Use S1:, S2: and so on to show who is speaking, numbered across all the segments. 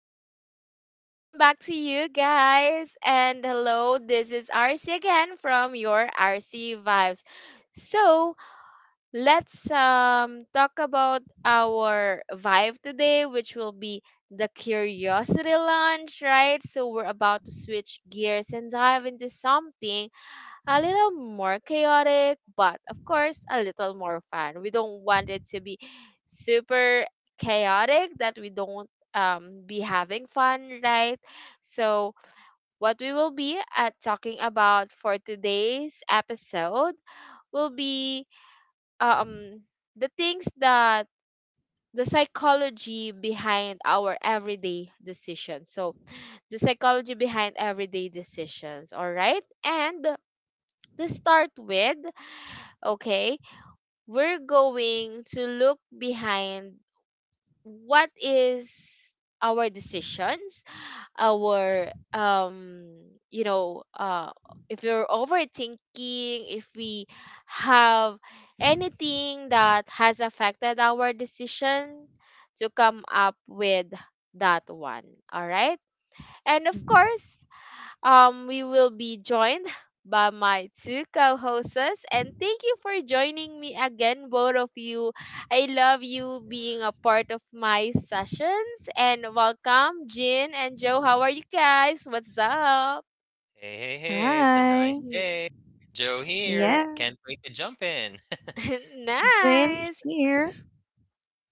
S1: welcome back. Welcome back to you guys. And hello, this is RC again from your RC Vibes. So, let's talk about our vibe today, which will be the curiosity launch, right? So, we're about to switch gears and dive into something a little more chaotic, but of course, a little more fun. We don't want it to be super chaotic that we don't be having fun, right? So, what we will be talking about for today's episode will be um, the things that the psychology behind our everyday decisions. So, the psychology behind everyday decisions, all right? And to start with, okay, we're going to look behind what is our decisions, our you know uh if we're overthinking, if we have anything that has affected our decision to come up with that one, all right. And of course, we will be joined by my two co-hosts, and thank you for joining me again, both of you. I love you being a
S2: Course.
S1: part of my sessions, and welcome, Jin and Joe. How are you guys? What's up?
S2: Hey, hey, hey, it's a nice
S3: Hi.
S2: day. Joe here.
S1: Alright.
S3: Yes,
S2: Can't wait to jump in.
S3: Zin
S1: Nice.
S3: here.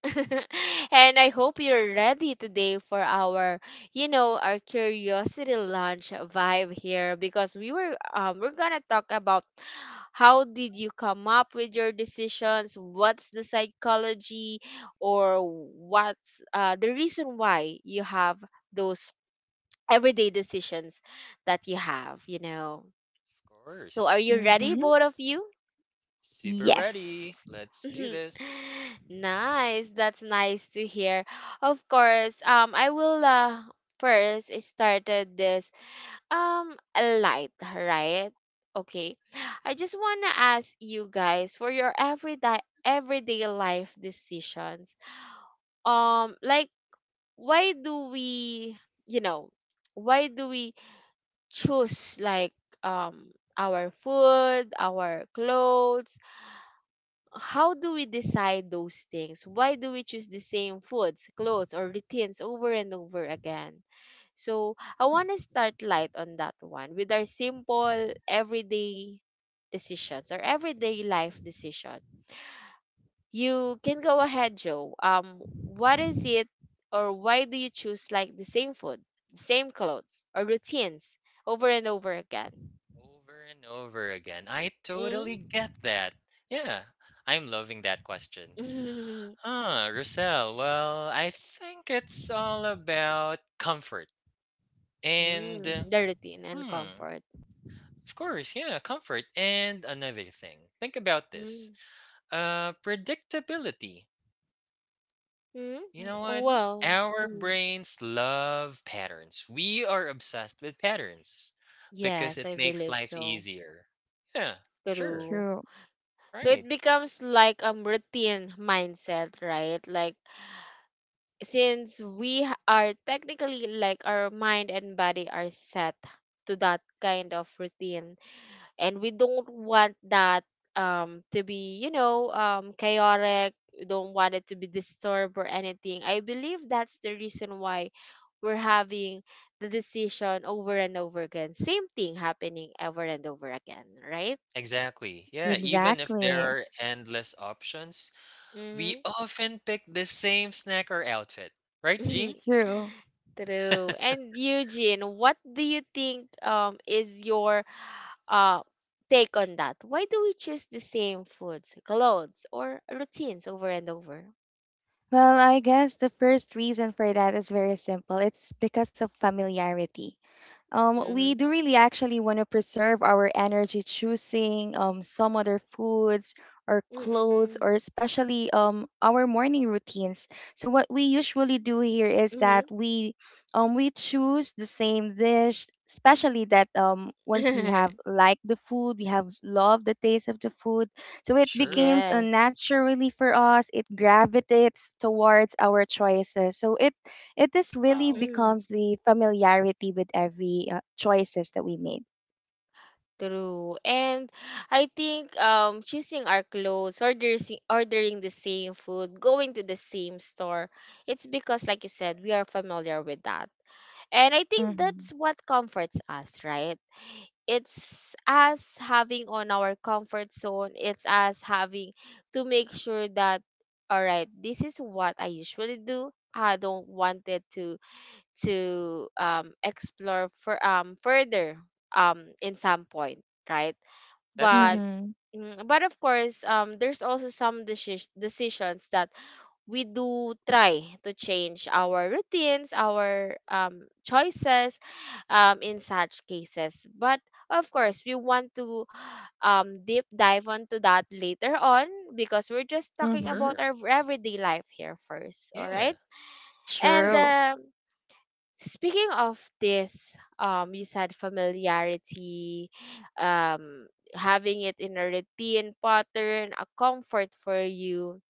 S1: And I hope you're ready today for our, you know, our curiosity lunch vibe here because we're gonna talk about how did you come up with your decisions, what's the psychology, or what's the reason why you have those everyday decisions that you have, you know.
S2: Of
S1: So
S2: course.
S1: are you ready,
S3: Mm-hmm.
S1: both of you?
S2: Super ready.
S3: Yes.
S2: Let's do this.
S1: Nice. That's nice to hear. Of course, I will first started this light, right? Okay. I just want to ask you guys for your everyday life decisions. Um, like why do we, you know, why do we choose like, um our food, our clothes? How do we decide those things? Why do we choose the same foods, clothes, or routines over and over again? So I want to start light on that one with our simple everyday decisions or everyday life decision. You can go ahead, Joe. What is it, or why do you choose like the same food, the same clothes, or routines over and over again?
S2: Over and over again. I
S1: Mm-hmm.
S2: totally get that. Yeah, I'm loving that question. Huh, Russell, well, I think it's all about comfort. And,
S1: Mm, the routine and
S2: hmm,
S1: comfort.
S2: of course, yeah, comfort. And another thing. Think about this.
S1: Mm.
S2: Predictability.
S1: Hmm.
S2: You know what?
S3: Mm-hmm.
S1: Well,
S2: Our
S1: mm,
S2: brains love patterns. We are obsessed with patterns because
S1: yes, I
S2: it makes
S1: believe
S2: life
S1: so.
S2: easier. Yeah, sure.
S1: True.
S3: True.
S1: So
S2: Right.
S1: it becomes like a routine mindset, right? Like, since are technically like our mind and body are set to that kind of routine, and we don't want that to be, you know, chaotic. We don't want it to be disturbed or anything. I believe that's the reason why we're having the decision over and over again, same thing happening over and over again, right?
S2: Exactly. Yeah, even if there
S3: Exactly.
S2: are endless options, we
S1: Mm-hmm.
S2: often pick the same snack or outfit. Right, Jean?
S3: True.
S1: True. And Eugene, what do you think, is your uh take on that? Why do we choose the same foods, clothes, or routines over and over?
S3: Well, I guess the first reason for that is very simple. It's because of familiarity.
S1: Mm-hmm.
S3: We do really actually want to preserve our energy, choosing some other foods or clothes, or
S1: Mm-mm.
S3: especially our morning routines. So what we usually do here is that
S1: Mhm.
S3: we choose the same dish, especially that once we have liked the food, we have loved the taste of the food. So it
S2: Sure.
S3: becomes
S1: Yes.
S3: naturally for us. It gravitates towards our choices. So it this really
S2: Wow.
S1: Mm,
S3: becomes the familiarity with every choices that we make.
S1: true. And I think choosing our clothes, ordering the same food, going to the same store, it's because, like you said, we are familiar with that. And I think
S3: Mhm.
S1: that's what comforts us, right? It's us having on our comfort zone. It's us having to make sure that, all right, this is what I usually do. I don't want it to explore for further in some point, right?
S2: That's
S1: But
S2: right.
S3: Mhm.
S1: mm, but of course, there's also some decisions that we do try to change our routines, our choices in such cases. But of course, we want to deep dive onto that later on, because we're just
S2: For
S1: talking
S3: Mhm.
S1: about
S2: sure.
S1: our everyday life here first. All
S2: Yeah,
S1: right. And
S2: right.
S3: True.
S1: speaking of this, you said familiarity, um, having it in a routine pattern, a comfort for you.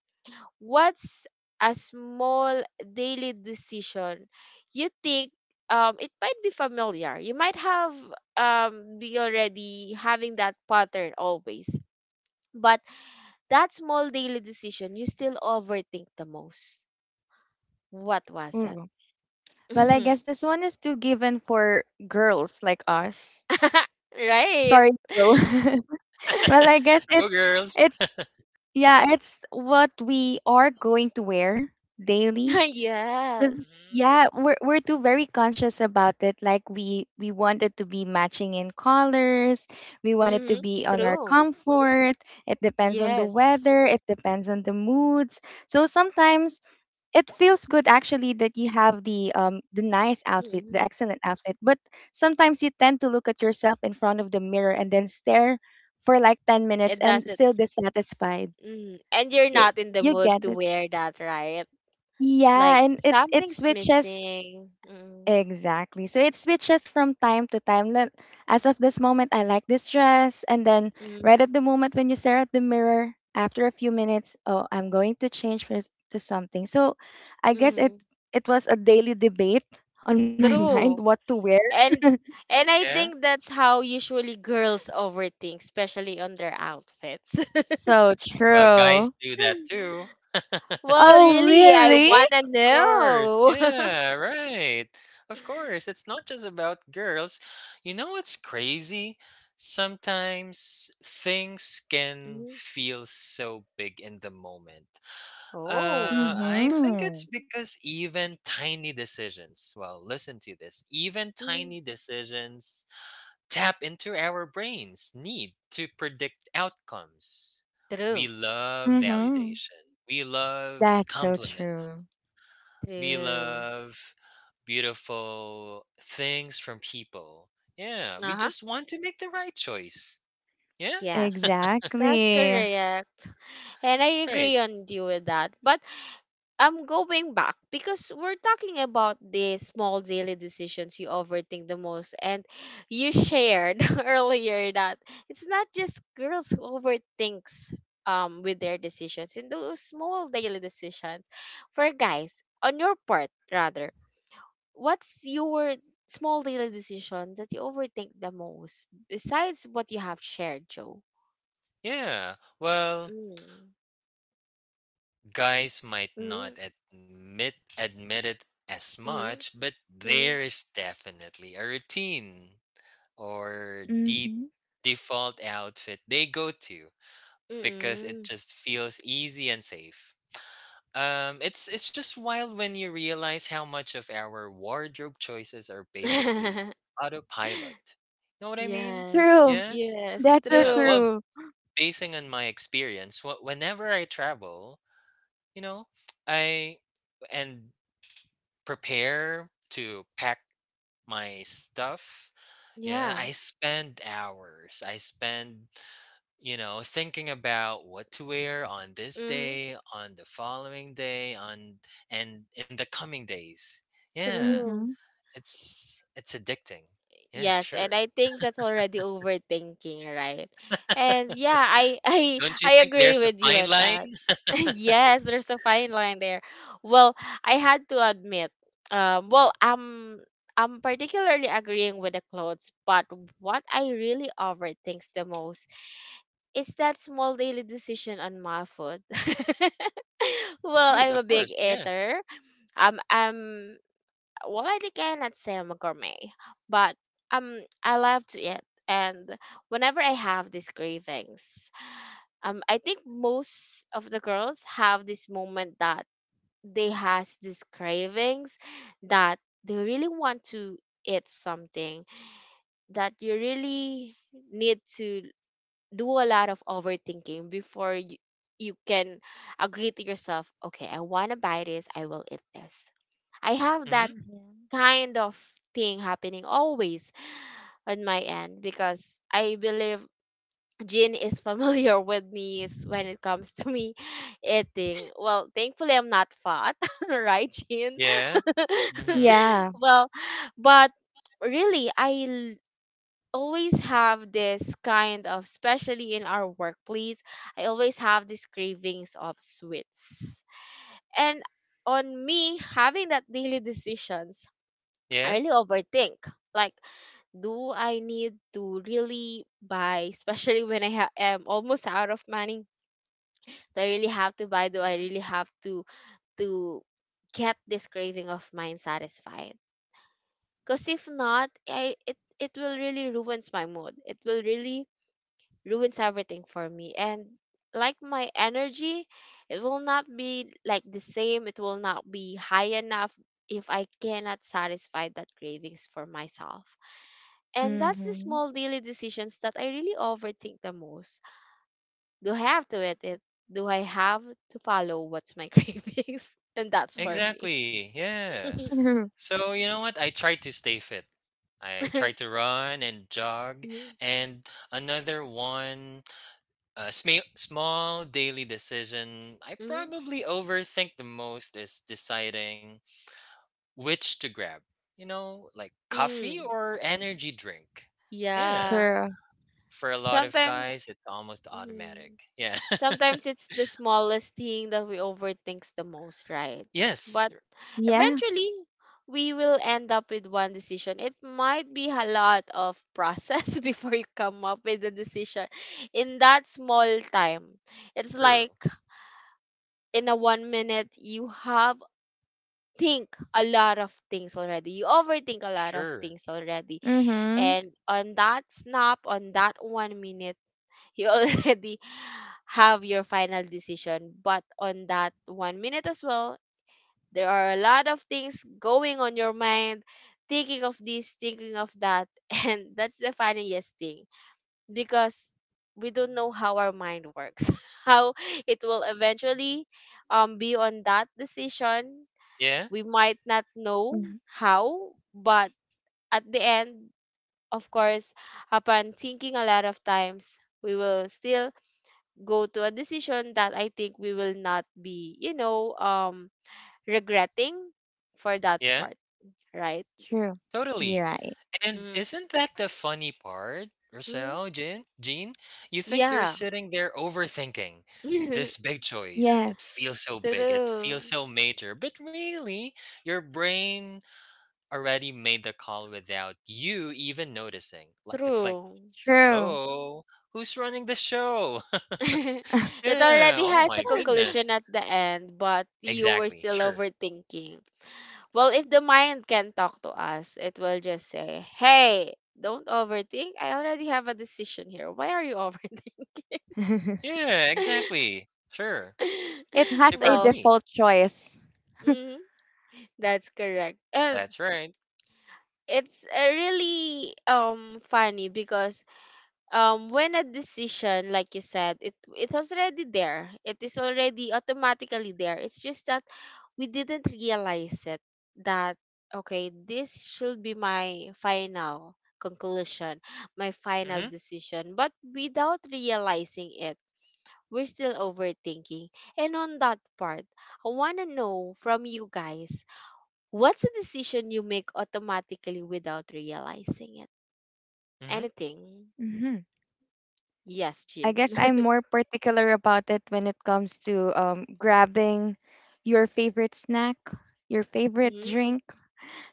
S1: What's a small daily decision you think, it might be familiar? You might have, be already having that pattern always, but that small daily decision you still overthink the most. What was that?
S3: Ooh. Well, I guess this one is too given for girls like us.
S1: Right.
S3: Sorry, Joe. well, I guess
S2: Go,
S3: it's
S2: girls.
S3: it's yeah, it's what we are going to wear daily. Because
S1: Yes.
S2: Mhm.
S3: yeah, we're too very conscious about it. Like we want it to be matching in colors. We want it to
S1: Mm-hmm.
S3: be on our
S1: True.
S3: comfort. It depends on the
S1: Yes.
S3: weather. It depends on the moods. So sometimes it feels good actually that you have the nice outfit, the
S1: Mm-hmm.
S3: excellent outfit. But sometimes you tend to look at yourself in front of the mirror and then stare for like 10 minutes
S1: It
S3: and
S1: doesn't.
S3: still dissatisfied.
S1: Mm. And you're
S3: You,
S1: not
S2: Mhm.
S1: in the
S3: you
S1: mood
S3: get
S1: to
S3: it.
S1: wear that, right? Like
S3: Yeah, and it
S1: something's
S3: switches
S1: missing. Mm.
S3: Exactly. So it switches from time to time. Like, as of this moment, I like this dress. And then right
S1: Mm.
S3: at the moment when you stare at the mirror, after a few minutes, oh, I'm going to change to something. So I guess it
S1: Mm.
S3: it was a daily debate on my mind what
S1: True.
S3: to wear.
S1: And and I
S2: Yeah.
S1: think that's how usually girls overthink, especially on their outfits.
S3: So
S2: Well,
S3: true.
S2: guys do that too.
S1: Well,
S3: Oh,
S1: really, I
S3: really?
S1: wanna
S2: course.
S1: know.
S2: Yeah, right. Of course. It's not just about girls. You know what's crazy? Sometimes things can
S1: Mhm.
S2: feel so big in the moment.
S1: Oh.
S2: I think it's
S3: Mhm.
S2: because even tiny decisions, well, listen to this, even
S1: Mhm.
S2: tiny decisions tap into our brain's need to predict outcomes. We
S1: True.
S2: love
S3: Mhm.
S2: validation, we love
S3: That's so true.
S2: compliments. We
S1: True.
S2: love beautiful things from people. Yeah, we
S1: Uh-huh.
S2: just want to make the right choice. Yeah,
S1: Yes, that's
S3: Exactly.
S1: correct. And I
S2: right.
S1: agree on you with that. But I'm going back, because we're talking about the small daily decisions you overthink the most. And you shared earlier that it's not just girls who overthinks with their decisions in those small daily decisions. For guys, on your part rather, what's your small daily decision that you overthink the most besides what you have shared, Joe?
S2: Yeah. Well,
S1: Mm.
S2: guys might not
S1: Mhm,
S2: admit it as much,
S1: mhm,
S2: but
S1: mhm,
S2: there
S1: mm.
S2: is definitely a routine or
S3: Mhm.
S2: default outfit they go to because it
S1: Mm.
S2: just feels easy and safe. It's just wild when you realize how much of our wardrobe choices are basically autopilot. Know what I mean?
S1: Yes.
S3: True.
S2: Yeah,
S1: Yes,
S3: That's so
S2: yeah.
S1: true.
S2: Well,
S3: true.
S2: basing on my experience, whenever I travel, you know, I and prepare to pack my stuff. Yeah,
S1: Yeah.
S2: I spend hours. I spend you know, thinking about what to wear on this
S1: Mm-hmm.
S2: day, on the following day, on and in the coming days. Yeah,
S1: True.
S3: Mhm.
S2: it's addicting. Yeah,
S1: Yes,
S2: sure.
S1: and I think that's already overthinking, right? And yeah, I I
S2: Don't you
S1: I
S2: think
S1: agree
S2: there's a
S1: with you
S2: fine
S1: on
S2: line?
S1: that. Yes, there's a fine line there. Well, I had to admit, well, I'm particularly agreeing with the clothes, but what I really overthinks the most, it's that small daily decision on my food. Well,
S2: Food,
S1: I'm a
S2: of
S1: big
S2: course. Yeah.
S1: eater. I'm, well, I cannot say I'm a gourmet, but I love to eat. And whenever I have these cravings, I think most of the girls have this moment that they has these cravings that they really want to eat something, that you really need to do a lot of overthinking before you, you can agree to yourself, okay, I want to buy this, I will eat this. I have
S2: Hmm.
S1: that
S3: Mhm.
S1: kind of thing happening always on my end, because I believe Jin is familiar with me when it comes to me eating. Well, thankfully I'm not fat, right, Jin?
S2: Yeah. Hmm.
S3: Yeah.
S1: Well, but really, I always have this kind of, especially in our workplace, I always have these cravings of sweets. And on me having that daily decisions, I
S2: Yeah.
S1: really overthink, like, do I need to really buy, especially when I am almost out of money? Do I really have to buy? Do I
S2: Hmm.
S1: really have to get this craving of mine satisfied? Because if not, it it will really ruins my mood, it will really ruins everything for me. And like my energy, it will not be like the same, it will not be high enough if I cannot satisfy that cravings for myself. And that's the
S3: Mm-hmm.
S1: small daily decisions that I really overthink the most. Do I have to eat it? Do I have to follow what's my cravings? And that's for me.
S2: Exactly. Yeah.
S3: Mhm.
S2: So you know what? I try to stay fit. I try to run and jog,
S1: Mhm,
S2: and another one. A small daily decision I
S1: mhm,
S2: probably overthink the most is deciding which to grab. You know, like coffee
S1: mm.
S2: or energy drink.
S3: True.
S2: Yeah.
S1: Yeah,
S3: True.
S2: For a lot of
S1: sometimes,
S2: guys, it's almost
S1: mhm.
S2: automatic. Yeah.
S1: Sometimes it's the smallest thing that we overthinks the most, right?
S2: Yes.
S1: But
S3: Yeah.
S1: eventually we will end up with one decision. It might be a lot of process before you come up with the decision in that small time. It's
S2: Sure.
S1: like in a one minute you have think a lot of things already. You overthink a lot of
S2: Sure.
S1: things already.
S3: Mm-hmm.
S1: And on that snap, on that one minute, you already have your final decision. But on that one minute as well, there are a lot of things going on your mind, thinking of this, thinking of that. And that's the funniest thing, because we don't know how our mind works, how it will eventually be on that decision.
S2: Yeah.
S1: We might not know
S3: hmm
S1: how, but at the end, of course, upon thinking a lot of times, we will still go to a decision that I think we will not be, you know, regretting for that
S2: Yeah.
S1: part, right?
S3: True. You're
S2: Totally.
S3: right.
S2: And isn't that the funny part,
S1: Mm-hmm.
S2: Rochelle, Jean? Jean, you think you're
S1: Yeah.
S2: sitting there overthinking
S1: True.
S2: this big choice. It
S3: Yes.
S2: feels so big. It feels so major. But really, your brain already made the call without you even noticing. It's like,
S1: True.
S3: True.
S2: hello, who's running the show?
S1: It
S2: Yeah.
S1: already
S2: Oh
S1: has a
S2: my
S1: conclusion
S2: goodness.
S1: at the end, but you were
S2: Exactly.
S1: still
S2: Sure.
S1: overthinking. Well, if the mind can talk to us, it will just say, hey, don't overthink. I already have a decision here. Why are you overthinking?
S2: Yeah. Exactly. Sure.
S3: it has
S2: Super
S3: a
S1: Well,
S2: agree.
S3: default choice.
S1: hmm. That's correct. And
S2: That's right.
S1: it's really funny because when a decision, like you said, it was already there. It is already automatically there. It's just that we didn't realize it that, okay, this should be my final conclusion, my final
S2: Mm-hmm.
S1: decision. But without realizing it, we're still overthinking. And on that part, I want to know from you guys, what's a decision you make automatically without realizing it?
S2: Mm-hmm.
S1: Anything?
S3: hmm
S1: Yes,
S3: I
S1: Jin.
S3: guess I'm more particular about it when it comes to grabbing your favorite snack, your favorite
S1: Mm,
S3: drink.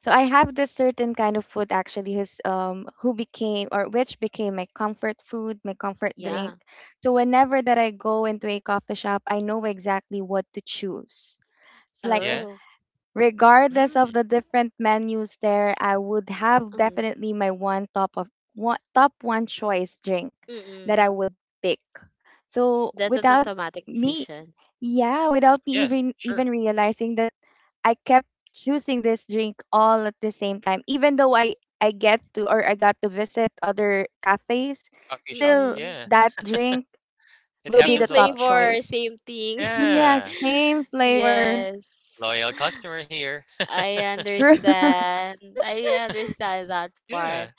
S3: So I have this certain kind of food actually who's who became or which became my comfort food, my comfort drink.
S1: yeah.
S3: So whenever that I go into a coffee shop, I know exactly what to choose. It's like
S2: Yeah.
S1: Oh.
S3: regardless
S2: Mm.
S3: of the different menus there, I would have
S1: Mm.
S3: definitely my one top of one top one choice drink that I
S1: Mm-mm.
S3: would pick. So
S1: That's an
S3: without
S1: automatic
S3: me
S1: decision.
S3: yeah, without me
S2: Yes,
S3: even
S2: sure.
S3: even realizing that I kept choosing this drink all at the same time. Even though I get to or I got to visit other cafes,
S2: Coffee shops,
S3: still
S1: Mm-mm.
S2: yeah.
S3: that drink
S2: It
S3: will be
S1: Same
S3: the
S2: happens a
S3: top
S2: lot.
S1: flavor,
S3: choice.
S1: same thing.
S3: Yeah,
S2: Yeah.
S3: same flavor.
S1: Yes.
S2: Loyal customer here.
S1: I
S3: True.
S1: understand. I understand that
S2: Yeah.
S1: part.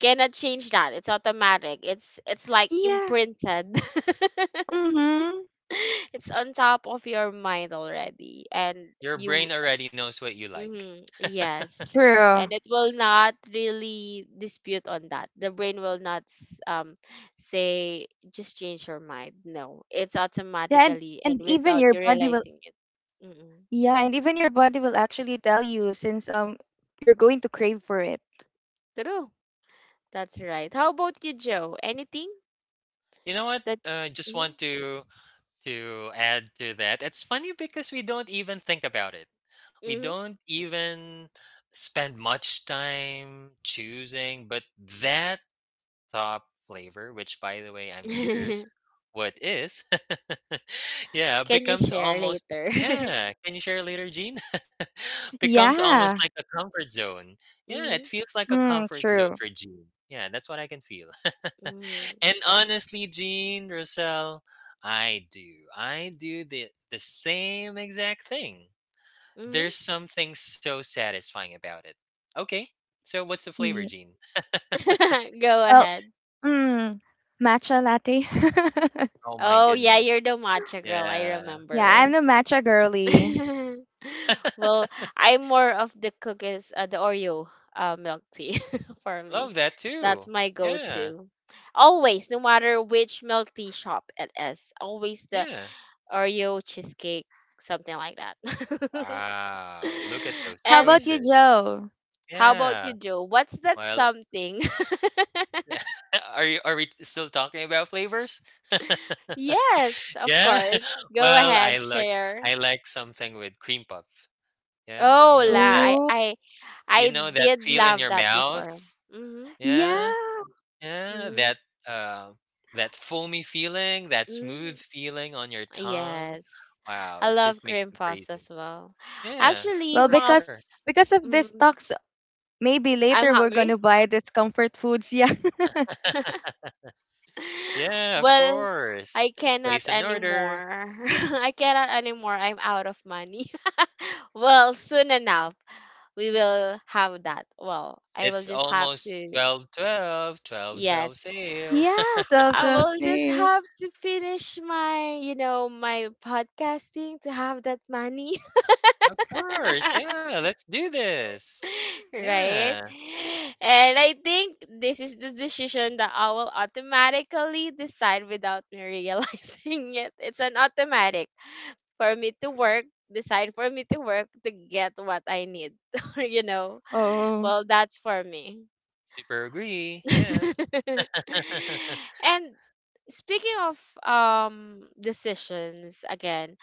S1: Cannot change that. It's automatic. It's like
S3: yeah.
S1: imprinted.
S3: Mhm.
S1: It's on top of your mind already, and
S2: Your
S1: you
S2: brain already knows what you like.
S1: mhm, yes, and
S3: True.
S1: it will not really dispute on that, the brain will not say just change your mind, no, it's
S3: Yeah,
S1: automatically and
S3: and even
S1: without
S3: your
S1: you
S3: body will
S1: realizing it, mm,
S3: yeah, and even your body will actually tell you since you're going to crave for it.
S1: true. That's right, how about you, Joe? Anything
S2: You know what?
S1: that
S2: Uh, just
S1: hmm
S2: want to to add to that. It's funny because we don't even think about it. We
S1: hmm
S2: don't even spend much time choosing, but that top flavor, which by the way, I'm curious what is. Yeah,
S1: Can you
S2: becomes
S1: share
S2: almost.
S1: later?
S2: Yeah, can you share later, Gene? Becomes almost
S3: Yeah.
S2: like a comfort zone. Yeah, it
S1: Mm-hmm,
S2: feels like a
S3: Mm,
S2: comfort zone
S3: true.
S2: for Gene. Yeah, that's what I can feel.
S1: mm-hmm,
S2: And honestly, Gene, Roselle, I do. I do the same exact thing.
S1: mm-hmm.
S2: There's something so satisfying about it. Okay. So what's the flavor,
S3: Yeah.
S2: Gene?
S1: Go
S3: Well,
S1: ahead.
S3: mm, matcha latte.
S2: Oh my
S1: Oh yeah,
S2: goodness.
S1: you're the matcha girl. I
S2: Yeah.
S3: Yeah, I'm
S1: remember.
S3: the matcha girly.
S1: well, I'm more of the cookies, the Oreo milk tea for me.
S2: Love that
S1: That's
S2: too.
S1: my
S2: Yeah.
S1: go-to. Always, no matter which milk tea shop it is, always the
S2: Yeah.
S1: Oreo cheesecake, something like that.
S2: Wow. Look at those
S3: How about you,
S1: and
S2: choices.
S3: Joe?
S1: How about
S2: Yeah.
S1: you, Joe? What's that
S2: Well,
S1: something?
S2: are you, are we still talking about flavors?
S1: Yes, of
S2: Yeah.
S1: course. Go
S2: Well, I
S1: ahead,
S2: like
S1: share.
S2: I like something with cream puff. Yeah. You
S1: Oh,
S2: know
S1: la.
S2: that
S1: I
S3: Ooh.
S1: I
S2: you
S1: I
S2: know that
S1: did
S2: feel in
S1: love
S2: your
S1: that before.
S2: mouth?
S1: Mhm.
S2: Yeah.
S3: Yeah.
S2: Yeah,
S1: Mhm.
S2: that uh, that foamy feeling, that
S1: Mhm.
S2: smooth feeling on your tongue.
S1: Yes.
S2: Wow,
S1: I
S2: it
S1: love
S2: just makes
S1: cream
S2: me
S1: puffs as
S2: crazy.
S1: well.
S2: Yeah,
S1: Actually,
S3: Well,
S2: for
S3: because
S2: sure.
S3: because of this
S1: mm,
S3: talks, maybe
S1: I'm
S3: later we're gonna
S1: hungry.
S3: buy this comfort foods. Yeah.
S2: Yeah, of
S1: Well,
S2: course.
S1: I cannot
S2: Place an order.
S1: anymore. I cannot anymore. I'm out of money. Well, soon enough, we will have that. Well, I will
S2: It's
S1: just have
S2: almost
S1: to.
S2: 12, 12, 12,
S1: Yes.
S2: 12 sale.
S3: yeah, 12
S1: I
S3: 12
S1: will just
S3: sale.
S1: have to finish my, you know, my podcasting to have that money.
S2: Of course. Yeah, let's do this.
S1: Right?
S2: Yeah.
S1: And I think this is the decision that I will automatically decide without me realizing it. It's an automatic for me to work, decide for me to work to get what I need. You know?
S3: Oh.
S1: Well, that's for me.
S2: Super agree. Yeah.
S1: and Speaking of decisions again,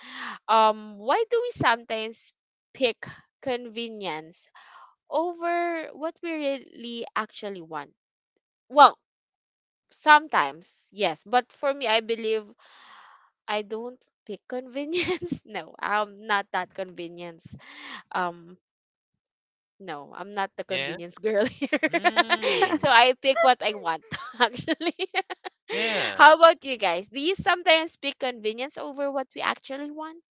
S1: why do we sometimes pick convenience over what we really actually want? Well, sometimes, yes, but for me I believe I don't pick convenience. No, I'm not that convenience um no, I'm not the
S2: Yeah.
S1: convenience girl here. So
S2: Mm,
S1: I pick what I want, actually.
S2: yeah.
S1: How about you guys? Do you sometimes pick convenience over what we actually want?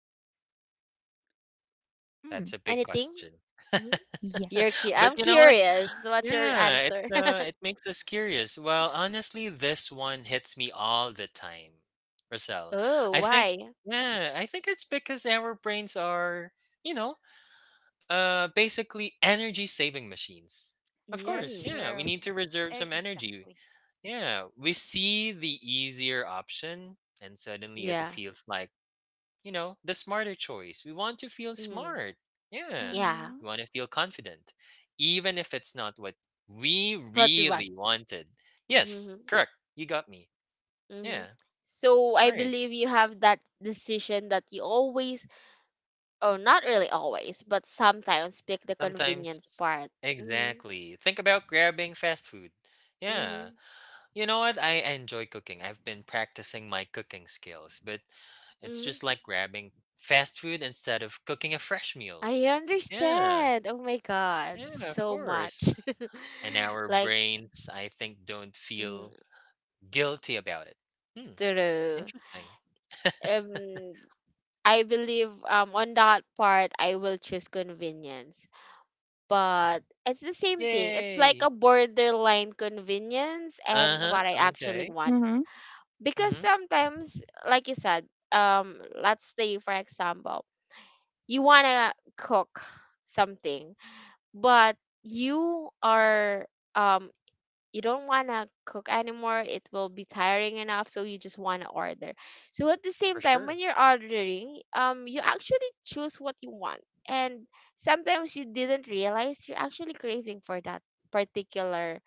S3: Mm,
S2: That's a big
S1: Anything?
S2: question.
S1: Mhm.
S3: yeah.
S2: But
S1: I'm
S2: you know what?
S1: curious. What's your
S2: Yeah,
S1: answer?
S2: it's it makes us curious. Well, honestly, this one hits me all the time, Roselle.
S1: Oh,
S2: I think
S1: why?
S2: yeah, I think it's because our brains are, you know, basically energy saving machines. Of
S3: It's
S2: course,
S1: Mm,
S2: yeah, we
S3: true.
S2: need to reserve some energy.
S3: Exactly.
S2: Yeah, we see the easier option and suddenly it
S1: yeah.
S2: feels like you know, the smarter choice. We want to feel
S1: Mm,
S2: smart. Yeah.
S1: yeah.
S2: We
S3: Mm-hmm.
S2: want to feel confident, even if it's not what we
S1: What we want.
S2: really wanted. Yes,
S1: Hmm.
S2: correct. You got me.
S1: Hmm.
S2: Yeah.
S1: So
S2: All
S1: I
S2: right.
S1: believe you have that decision that you always, or not really always, but sometimes pick the convenience
S2: Sometimes,
S1: part.
S2: exactly. Think about grabbing fast food. Yeah.
S1: Mm-hmm.
S2: You know what? I enjoy cooking. I've been practicing my cooking skills, but it's
S1: Hmm.
S2: just like grabbing fast food instead of cooking a fresh meal.
S1: I
S2: Yeah.
S1: understand. Oh my God,
S2: Yeah, of
S1: so
S2: course.
S1: much.
S2: And our
S1: Like,
S2: brains, I think, don't
S1: mm,
S2: feel guilty about it. Hmm,
S1: true.
S2: interesting.
S1: Um, I believe on that part I will choose convenience, but it's the same thing. It's like
S2: Yay!
S1: a borderline convenience and
S2: Uh-huh,
S1: what I actually
S2: okay.
S1: want. Because
S2: Mhm,
S1: sometimes, like you said, let's say for example, you wanna cook something, but you are um you don't want to cook anymore. It will be tiring enough, so you just want to order. So at the
S2: for
S1: same time,
S2: sure.
S1: when you're ordering, you actually choose what you want. And sometimes you didn't realize you're actually craving for that particular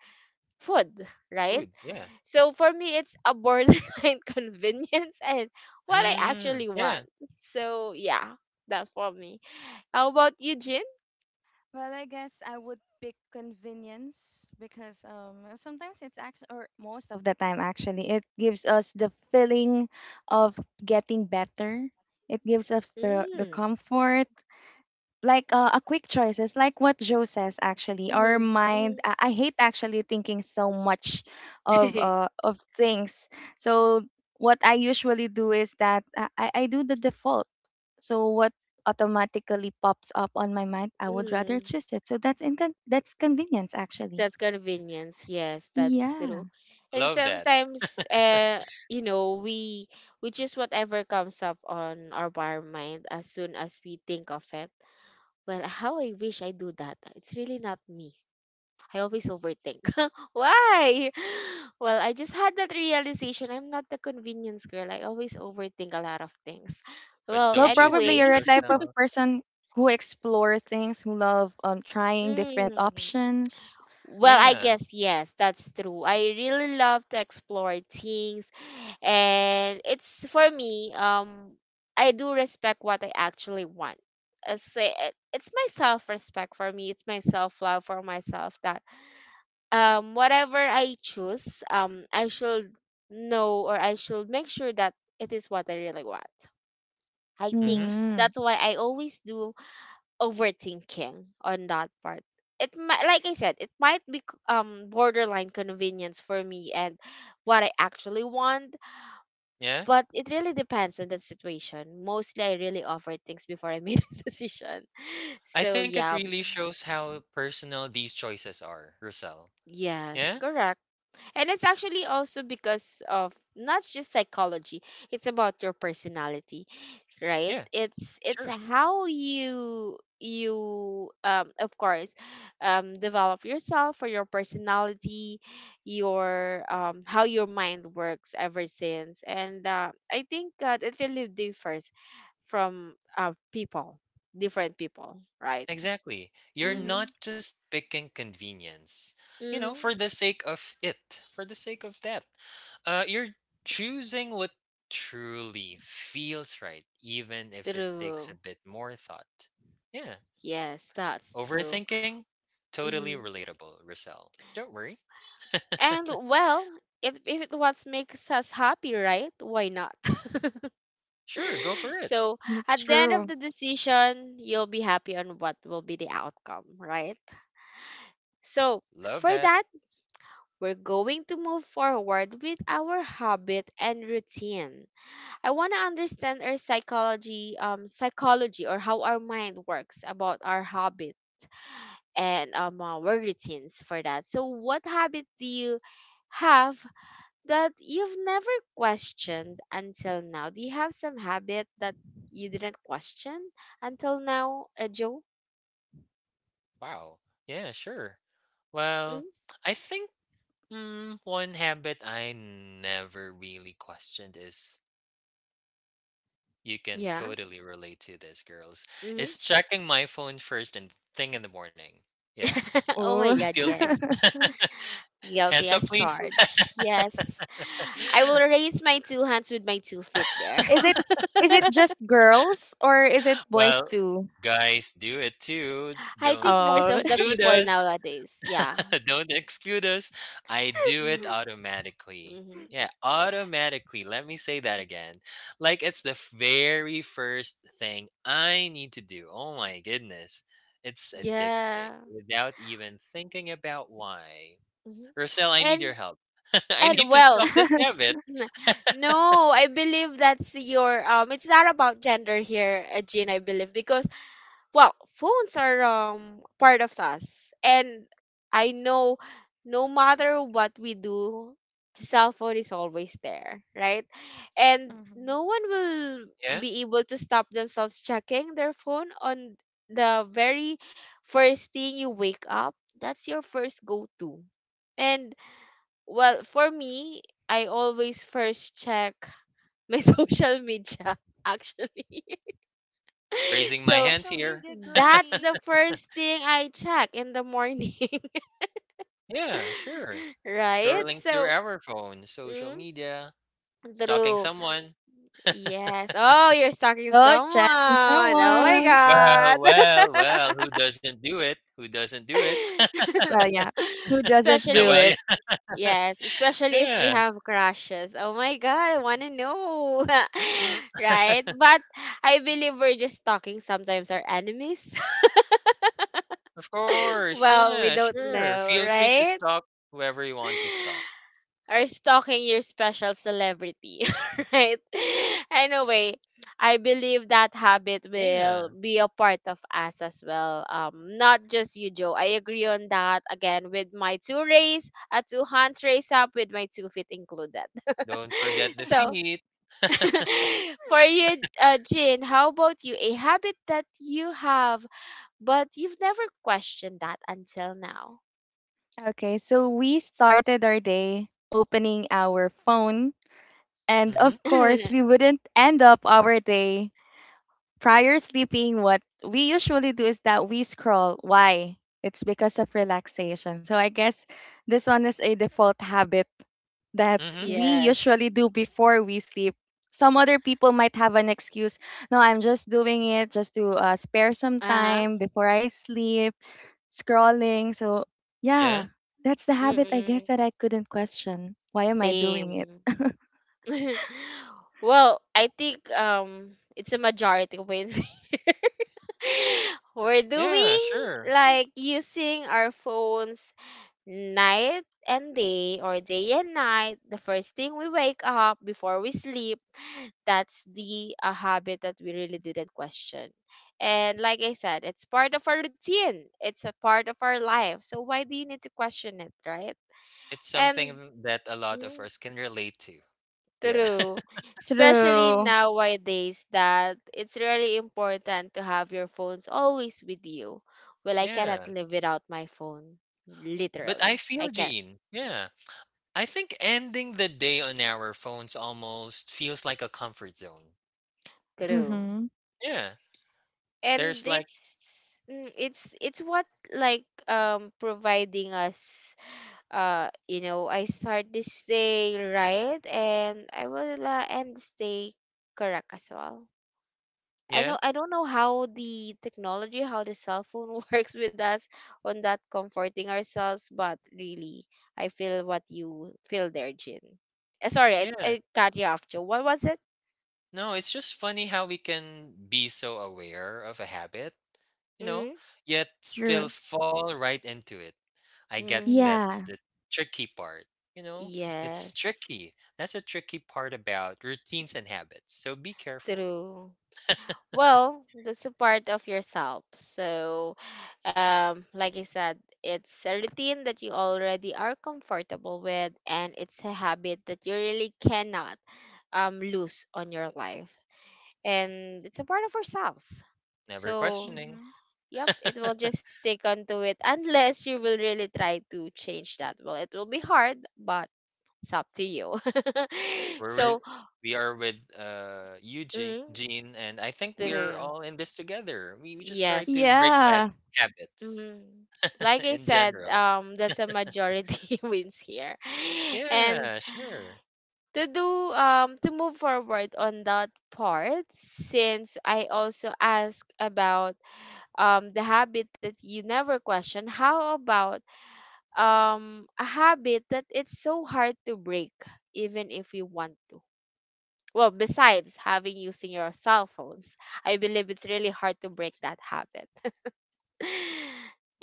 S1: food, right?
S2: Food, yeah.
S1: So for me, it's a borderline convenience and what I
S2: Mm,
S1: actually want,
S2: yeah,
S1: so yeah, that's for me. How about you, Jin?
S3: Well, I guess I would pick convenience because sometimes it's actually or most of the time actually it gives us the feeling of getting better. It gives us the
S1: Mm.
S3: comfort like a quick choices like what Joe says. Actually, our
S1: Mm-hmm.
S3: mind, I hate actually thinking so much of things. So what I usually do is that I do the default. So what automatically pops up on my mind, I would rather
S1: Mm-hmm.
S3: choose it. So that's convenience actually,
S1: That's convenience. Yes, that's
S3: yeah.
S1: true. And
S2: love that.
S1: sometimes, you know, we choose whatever comes up on our bar mind as soon as we think of it. Well, how I wish I do that. It's really not me. I always overthink. Why? Well, I just had that realization. I'm not the convenience girl. I always overthink a lot of things.
S2: But
S1: Well,
S3: Well,
S2: don't you
S3: probably
S2: think
S3: you're
S1: anyway.
S3: a type of
S2: yourself.
S3: person who explores things, who love trying different
S1: Mm.
S3: options.
S1: Well, I
S2: Yeah,
S1: guess yes, that's true. I really love to explore things, and it's for me, I do respect what I actually want. It's my self-respect, for me, it's my self-love for myself, that whatever I choose, I should know, or I should make sure that it is what I really want. I think
S2: mhm,
S3: mm,
S1: that's why I always do overthinking on that part. It might, like I said, it might be borderline convenience for me and what I actually want,
S2: yeah.
S1: but it really depends on the situation. Mostly, I really offer things before I made a decision.
S2: I
S1: So
S2: think it
S1: yeah,
S2: really shows how personal these choices are, Russell.
S1: yes,
S2: Yeah?
S1: correct. And it's actually also because of not just psychology; it's about your personality. Right,
S2: Yeah,
S1: it's
S2: sure.
S1: how you of course develop yourself or your personality, your how your mind works ever since, and I think that it really differs from people, different people, right?
S2: Exactly. You're
S1: Mm-hmm.
S3: Mm-hmm.
S2: not just picking convenience, you know, for
S1: Mm-hmm.
S2: the sake of it, for the sake of that. You're choosing what truly feels right, even if it takes a
S1: True.
S2: bit more thought. Yeah.
S1: Yes, that's true.
S2: Overthinking? Totally
S1: Mm-hmm.
S2: relatable, Rosel. Don't worry.
S1: And well, if it what makes us happy, right, why not?
S2: Sure, go for it.
S1: So
S3: That's
S1: at the end of
S3: true.
S1: the decision, you'll be happy on what will be the outcome, right? So
S2: Love
S1: for
S2: that.
S1: that, we're going to move forward with our habit and routine. I want to understand our psychology, psychology or how our mind works about our habit and our routines for that. So what habit do you have that you've never questioned until now? Do you have some habit that you didn't question until now, Joe?
S2: Wow. Yeah, sure.
S1: Mm?
S2: Well, I think one habit I never really questioned is. You can
S1: Yeah.
S2: totally relate to this, girls.
S1: Hmm.
S2: Is checking my phone first and thing in the morning. Yeah.
S1: Oh my
S3: Oh.
S2: Who's
S1: God,
S2: guilty?
S1: yes. Guilty
S2: Hands up,
S1: as
S2: please.
S1: charged. Yes. I will raise my two hands with my two feet there.
S3: Is it, is it just girls or is it boys
S2: Well,
S3: too?
S2: guys, do it too.
S1: I
S2: Don't
S1: think most
S3: Oh.
S1: of the
S2: exclude
S1: people
S2: us.
S1: nowadays, yeah.
S2: Don't exclude us. I do it
S1: Mm-hmm.
S2: automatically.
S1: Mm-hmm.
S2: Yeah, automatically. Let me say that again. Like it's the very first thing I need to do. Oh my goodness. It's addicting
S1: Yeah.
S2: without even thinking about why.
S1: Hmm.
S2: Rosel, I need your
S1: And
S2: help. I
S1: and
S2: need to stop
S1: well,
S2: this habit.
S1: N- No, I believe that's your it's not about gender here, Jean, I believe because well, phones are part of us, and I know, no matter what we do, the cell phone is always there, right? And
S3: Mm-hmm.
S1: no one will
S2: Yeah.
S1: be able to stop themselves checking their phone on the very first thing you wake up. That's your first go-to. And well, for me, I always first check my social media actually.
S2: Raising
S3: A
S2: my
S1: So
S2: hands
S3: social
S2: here.
S3: media
S1: that's
S3: girly.
S1: the first thing I check in the morning,
S2: Yeah, sure.
S1: right?
S2: Scrolling through
S1: So
S2: our phone, social
S1: mm,
S2: media, stalking
S1: true.
S2: someone.
S1: Yes. Oh, you're stalking
S3: Oh,
S1: someone.
S3: chatting
S1: Oh
S2: W-
S1: my
S3: someone.
S2: Well,
S1: god.
S2: well, well, who doesn't do it? Who doesn't do it?
S3: Well, yeah. Who doesn't
S1: Especially
S3: do
S1: if.
S2: Well, yeah.
S3: it?
S1: Yes, especially if we
S2: Yeah.
S1: have crushes. Oh my god, I want to know.
S2: Mm-mm.
S1: Right? But I believe we're just talking sometimes our enemies.
S2: Of course.
S1: Well, we
S2: Yeah,
S1: don't
S3: Hmm.
S2: sure.
S1: know,
S2: Feel free to
S1: right?
S2: stalk whoever you want to stalk.
S1: Or stalking your special celebrity, right? Anyway, I believe that habit
S2: Yeah.
S1: will be a part of us as well. Not just you, Joe. I agree on that. Again, with my two raise, a two hands raise up with my two feet included.
S2: Don't forget the
S1: So
S2: feet.
S1: for you, Jin, how about you? A habit that you have, but you've never questioned that until now.
S3: Okay, so we started our day opening our phone, and
S2: Mm-hmm.
S3: of course, we wouldn't end up our day. Prior sleeping, what we usually do is that we scroll. Why? It's because of relaxation. So I guess this one is a default habit that
S2: Mm-hmm.
S3: we usually
S1: Yes.
S3: do before we sleep. Some other people might have an excuse. No, I'm just doing it just to spare some
S1: Uh huh.
S3: time before I sleep, scrolling. So,
S2: Yeah.
S3: yeah, that's the habit I guess
S1: Mm-mm.
S3: that I couldn't question. Why am I doing it?
S1: Same. Well, I think it's a majority wins here. We're
S2: Yeah,
S1: doing
S2: sure.
S1: like using our phones night and day, or day and night, the first thing we wake up, before we sleep. That's the a habit that we really didn't question, and like I said, it's part of our routine, it's a part of our life, so why do you need to question it, right?
S2: It's
S1: And
S2: something that a lot of
S1: mm,
S2: us can relate to. Yeah.
S1: true, especially
S3: True.
S1: nowadays that it's really important to have your phones always with you. Well, I cannot
S2: Yeah.
S1: live without my phone.
S2: But I
S1: Literally, I
S2: feel
S1: can't.
S2: Gene. Yeah. I think ending the day on our phones almost feels like a comfort zone.
S1: True.
S3: Mm-hmm.
S2: Yeah. There's
S1: And
S2: like,
S1: it's it's what like providing us you know, I start this day, right, and I will end this day correct as well. I
S2: yeah.
S1: know, I don't know how the technology, how the cell phone works with us on that comforting ourselves, but really I feel what you feel there, Jin. Sorry,
S2: Yeah.
S1: I cut you off, Joe. What was it?
S2: No, it's just funny how we can be so aware of a habit, you know, yet still
S3: True.
S2: fall right into it. I guess
S1: Mm-hmm.
S2: that's
S3: Yeah.
S2: the tricky part. You know, it's
S1: Yes.
S2: tricky. That's a tricky part about routines and habits. So be careful.
S1: True. Well, that's a part of yourself. So, like I said, it's a routine that you already are comfortable with, and it's a habit that you really cannot lose on your life. And it's a part of ourselves.
S2: Never
S1: So,
S2: questioning.
S1: yep, it will just stick onto it unless you will really try to change that. Well, it will be hard, but it's up to you.
S2: We're with
S1: So,
S2: we are with Eugene
S1: mm,
S2: Gene and I think we're
S1: pero-
S2: all in this together. We just try to
S1: yes.
S2: break bad
S3: Yeah,
S2: habits
S1: Mm. Like I
S2: in
S1: said,
S2: general.
S1: that's a majority wins here. And
S2: Yeah, sure.
S1: to do to move forward on that part, since I also asked about the habit that you never question, how about a habit that it's so hard to break even if you want to? Well, besides having using your cell phones, I believe it's really hard to break that habit.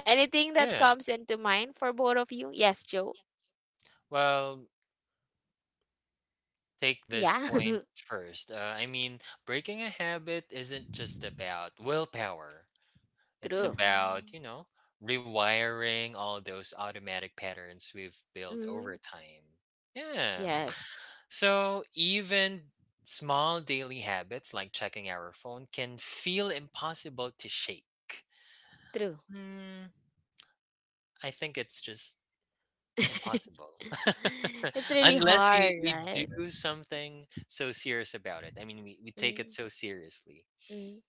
S1: Anything that
S2: Yeah.
S1: comes into mind for both of you? Yes, Joe.
S2: Well, take this
S1: Yeah,
S2: point first. Breaking a habit isn't just about willpower. It's
S1: true.
S2: about,
S3: mm-hmm.
S2: you know, rewiring all those automatic patterns we've built over
S1: Mm,
S2: time. Yeah.
S1: yes,
S2: So even small daily habits like checking our phone can feel impossible to shake.
S1: true.
S2: Mm, I think it's just impossible.
S1: It's really
S2: Unless
S1: hard,
S2: we
S1: right?
S2: do something so serious about it. I mean, we take it
S1: Mm,
S2: so seriously.
S1: mm.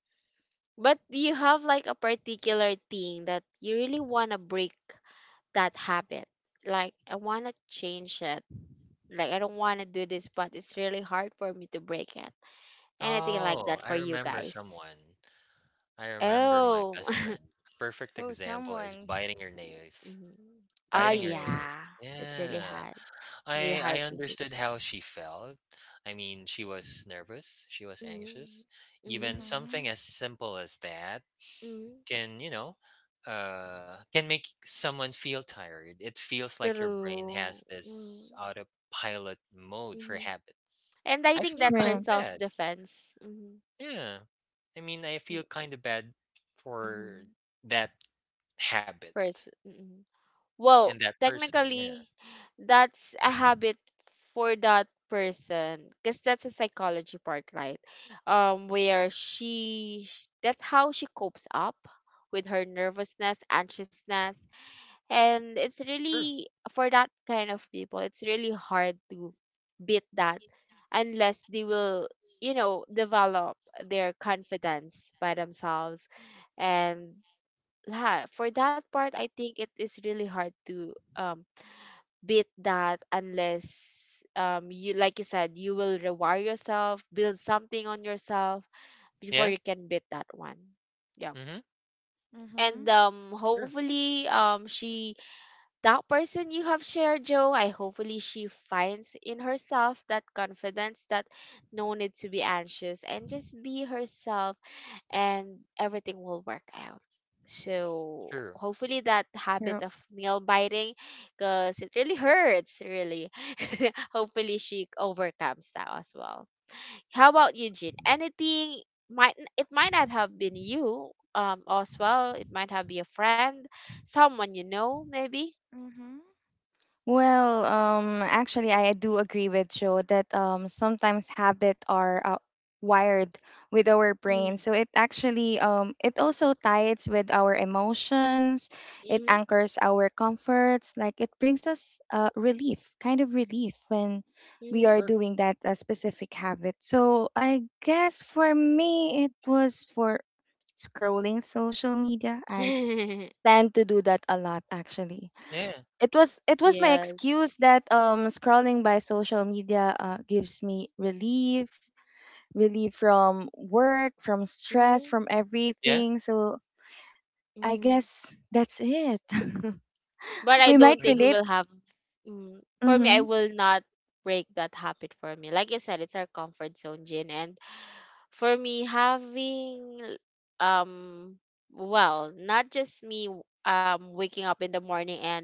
S1: But do you have like a particular thing that you really want to break that habit? Like, I want to change it. Like, I don't want to do this, but it's really hard for me to break it. Anything like that
S2: Oh, I
S1: for you
S2: remember
S1: guys?
S2: someone. I remember my
S1: Oh,
S2: best friend. Perfect
S3: Oh,
S2: example is
S3: someone.
S2: biting your nails.
S1: mhm. Oh
S2: Biting your
S3: Uh,
S2: nails.
S1: yeah, it's really
S2: Yeah.
S1: hard. It's really
S2: I
S1: hard to beat.
S2: understood how she felt. I mean, she was nervous, she was
S1: Mm-hmm.
S2: anxious.
S1: Mm-hmm.
S2: Even
S3: mm-hmm.
S2: something as simple as that
S1: Mm-hmm.
S2: can, you know, can make someone feel tired. It feels like your brain
S1: True.
S2: has this
S1: Mm-hmm.
S2: autopilot mode for habits.
S1: And I
S2: I
S1: think
S2: feel
S1: that's her
S2: kind
S3: True,
S2: of bad.
S1: self-defense. Mm-hmm.
S2: Yeah. I mean, I feel kind of bad for
S1: Mm-hmm.
S2: that habit
S1: First. Mm-hmm. Well,
S2: and that person. Yeah.
S1: technically, that's a habit for that person because that's a psychology part, right? Where she That's how she copes up with her nervousness, anxiousness, and it's
S2: True.
S1: really for that kind of people, it's really hard to beat that unless they will, you know, develop their confidence by themselves, and yeah, for that part I think it is really hard to beat that unless you, like you said, you will rewire yourself, build something on yourself before
S2: Yeah.
S1: you can beat that one, yeah.
S2: Mhm.
S3: mm-hmm.
S1: And
S2: Sure,
S1: hopefully she that person you have shared, Joe, I hopefully she finds in herself that confidence that no need to be anxious and just be herself, and everything will work out. So
S2: sure,
S1: hopefully that habit
S3: True.
S1: of nail biting, cause it really hurts, really. Hopefully she overcomes that as well. How about you, Jean? Anything it might not have been you, as well. It might have been a friend, someone you know, maybe.
S3: Mm-hmm. Well, actually, I do agree with Joe that sometimes habit are wired with our brain.
S1: Mm,
S3: So it actually, it also ties with our emotions. It
S1: mhm,
S3: anchors our comforts. Like it brings us relief, kind of relief when we are
S1: mhm.
S2: sure.
S3: doing that specific habit. So I guess for me, it was for scrolling social media. I tend to do that a lot, actually.
S2: Yeah,
S3: It was my
S1: Yes.
S3: excuse that scrolling by social media gives me relief, relief from work, from stress,
S1: Mm-hmm.
S3: from
S2: yeah.
S3: everything. So I
S1: Mm-hmm.
S3: guess that's it.
S1: But I
S3: We might
S1: don't think
S2: Hmm.
S1: we
S3: relate.
S1: will have. Mm, for me, I
S3: hmm
S1: will not break that habit for me. Like you said, it's our comfort zone, Jin. And for me, having um, well, not just me waking up in the morning and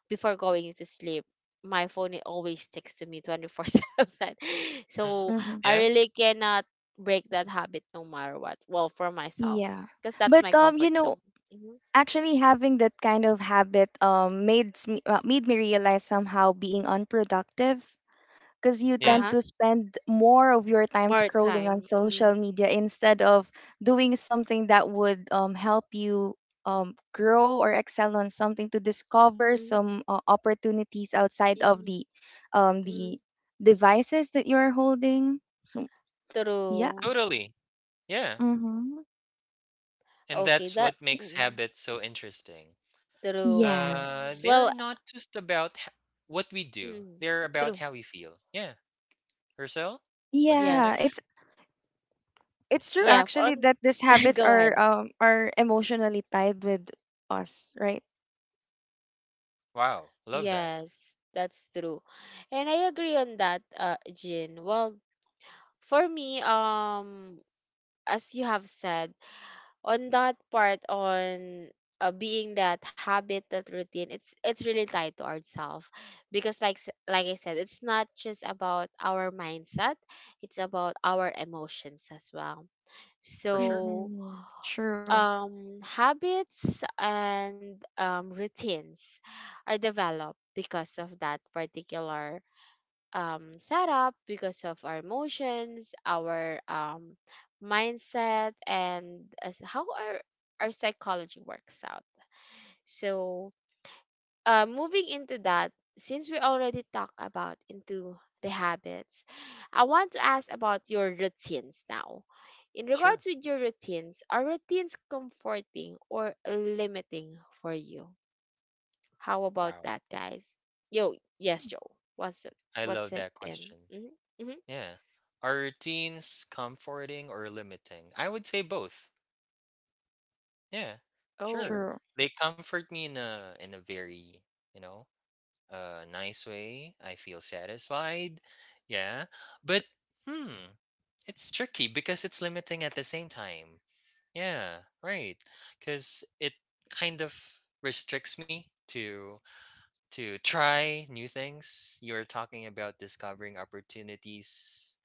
S1: before going to sleep, my phone it always texts to me 24/7.
S2: Hmm.
S1: So
S3: hmm
S1: I
S2: Yeah,
S1: really cannot break that habit no matter what. Well, for myself,
S3: yeah,
S1: because that's
S3: but
S1: my
S3: you
S1: comfort
S3: know,
S1: zone. hmm
S3: actually having that kind of habit made me realize somehow being unproductive, because you
S1: Uh
S2: yeah.
S3: tend
S1: huh.
S3: to spend more of your time
S1: More
S3: scrolling on
S1: time. Mm.
S3: social media instead of doing something that would help you grow or excel on something, to discover
S1: Mm,
S3: some opportunities outside of
S1: mm,
S3: the um,
S1: mm.
S3: the devices that you're holding. So yeah.
S1: True.
S2: Totally. Yeah.
S3: Mm-hmm.
S2: And
S1: Okay,
S2: that's
S1: that
S2: what makes
S1: mm,
S2: habits so interesting.
S1: true.
S2: Uh, they're
S1: Well,
S3: Yes.
S2: not just about h- what we do,
S1: mm,
S2: they're about
S1: true.
S2: how we feel. Yeah. Herself, what do you
S1: Yes.
S3: Yeah,
S2: think?
S3: it's true
S1: Yeah,
S3: actually
S1: on
S3: that these habits
S1: go ahead.
S3: are emotionally tied with us, right?
S2: Wow. Love that.
S1: Yes, that's true. And I agree on that, Jin. Well, for me, as you have said, on that part on being that habit, that routine, it's really tied to ourselves because like I said, it's not just about our mindset, it's about our emotions as well.
S2: For sure.
S1: So
S3: Mm-hmm. True.
S1: habits and routines are developed because of that particular set up, because of our emotions, our mindset, and as how our psychology works out. So, moving into that, since we already talked about into the habits, I want to ask about your routines now. In
S2: Sure.
S1: regards with your routines, are routines comforting or limiting for you? How about
S2: Wow.
S1: that, guys? Yo, yes, Joe. What's it?
S2: I love
S1: What's it
S2: that
S1: in?
S2: question.
S1: Mm-hmm. Mm-hmm.
S2: Yeah. Are routines comforting or limiting? I would say both. Yeah, sure.
S1: Oh,
S3: True.
S2: They comfort me in a very, you know, nice way. I feel satisfied. Yeah. But hmm, it's tricky because it's limiting at the same time. Yeah, right. Cuz it kind of restricts me to try new things. You're talking about discovering opportunities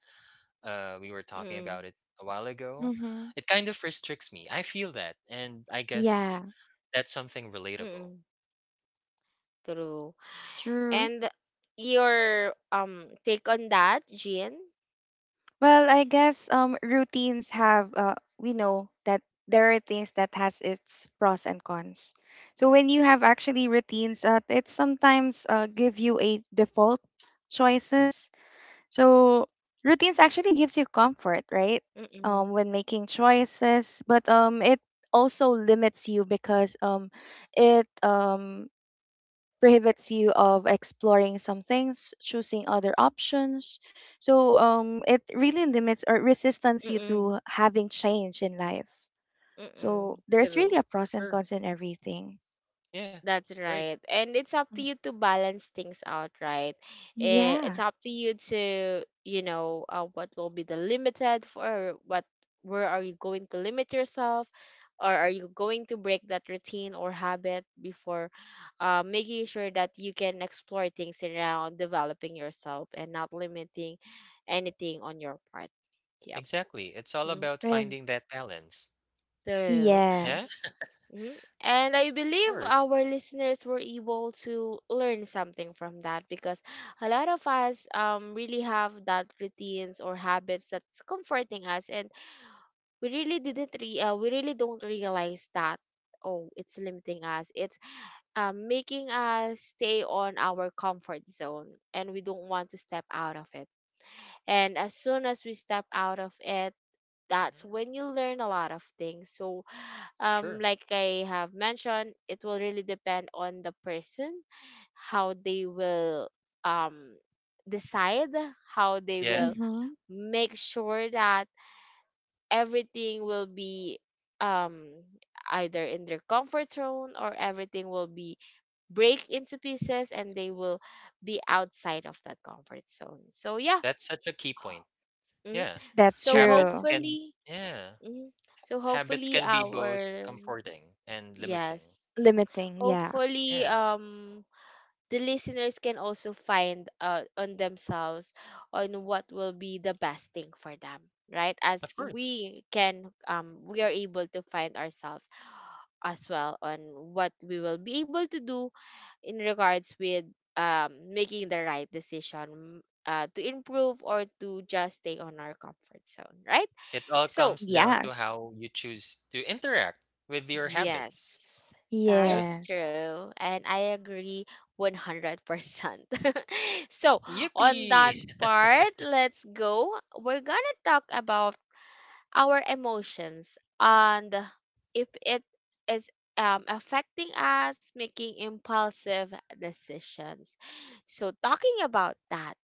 S2: we were talking
S1: mm,
S2: about it a while ago,
S3: Mm-hmm.
S2: it kind of restricts me. I feel that, and I guess
S3: Yeah,
S2: that's something relatable.
S1: mm, true.
S3: true.
S1: And your take on that, Jean?
S3: Well, I guess routines have we know that there are things that has its pros and cons. So when you have actually routines, it sometimes give you a default choices. So routines actually gives you comfort, right?
S1: Mm, mm,
S3: When making choices, but it also limits you because it prohibits you of exploring some things, choosing other options. So it really limits or resistance you
S1: mm,
S3: to having change in life. So
S1: mm,
S3: there's really
S1: true.
S3: a
S2: For
S3: pros and
S2: sure.
S3: cons in everything.
S2: Yeah.
S1: That's
S2: Right.
S1: right. And it's up to
S3: Mm.
S1: you to balance things out, right? Eh, it's
S3: Yeah.
S1: up to, you know, what will be the limited for what, where are you going to limit yourself? Or are you going to break that routine or habit before making sure that you can explore things around developing yourself and not limiting anything on your part? Yep.
S2: Exactly. It's all
S1: Mm,
S2: about finding
S3: Ex-
S2: that balance.
S1: true.
S2: Yeah. Of
S3: yes.
S1: Mhm. And I believe
S2: course.
S1: our listeners were able to learn something from that because a lot of us really have that routines or habits that's comforting us, and we really didn't re- we really don't realize that oh, it's limiting us, it's making us stay on our comfort zone and we don't want to step out of it. And as soon as we step out of it, that's
S2: Hmm.
S1: when you learn a lot of things. So
S2: Sure.
S1: like I have mentioned, it will really depend on the person, how they will um decide, how they
S2: Yeah.
S1: will
S3: Mm-hmm.
S1: make sure that everything will be um either in their comfort zone, or everything will be break into pieces and they will be outside of that comfort zone. So yeah.
S2: That's such a key point.
S1: Mhm.
S2: Yeah.
S3: That's
S1: So
S2: Habits
S3: true.
S2: can.
S1: hopefully.
S2: Yeah.
S1: Mhm. So
S2: Habits
S1: hopefully
S2: can be both
S1: our.
S2: comforting and limiting.
S1: Yes.
S3: Limiting. Yeah.
S1: Hopefully
S2: Yeah.
S1: the listeners can also find on themselves on what will be the best thing for them, right?
S2: Of
S1: As
S2: course.
S1: we can we are able to find ourselves as well on what we will be able to do in regards with making the right decision, to improve or to just stay on our comfort zone, right?
S2: It all
S1: So
S2: comes down to
S3: Yes.
S2: how you choose to interact with your
S1: yes,
S2: habits.
S1: that
S2: Yeah.
S1: is
S3: Yes.
S1: true. And I agree 100%. So, on
S2: Yippee!
S1: that part, let's go. We're gonna talk about our emotions and if it is affecting us making impulsive decisions. So, talking about that,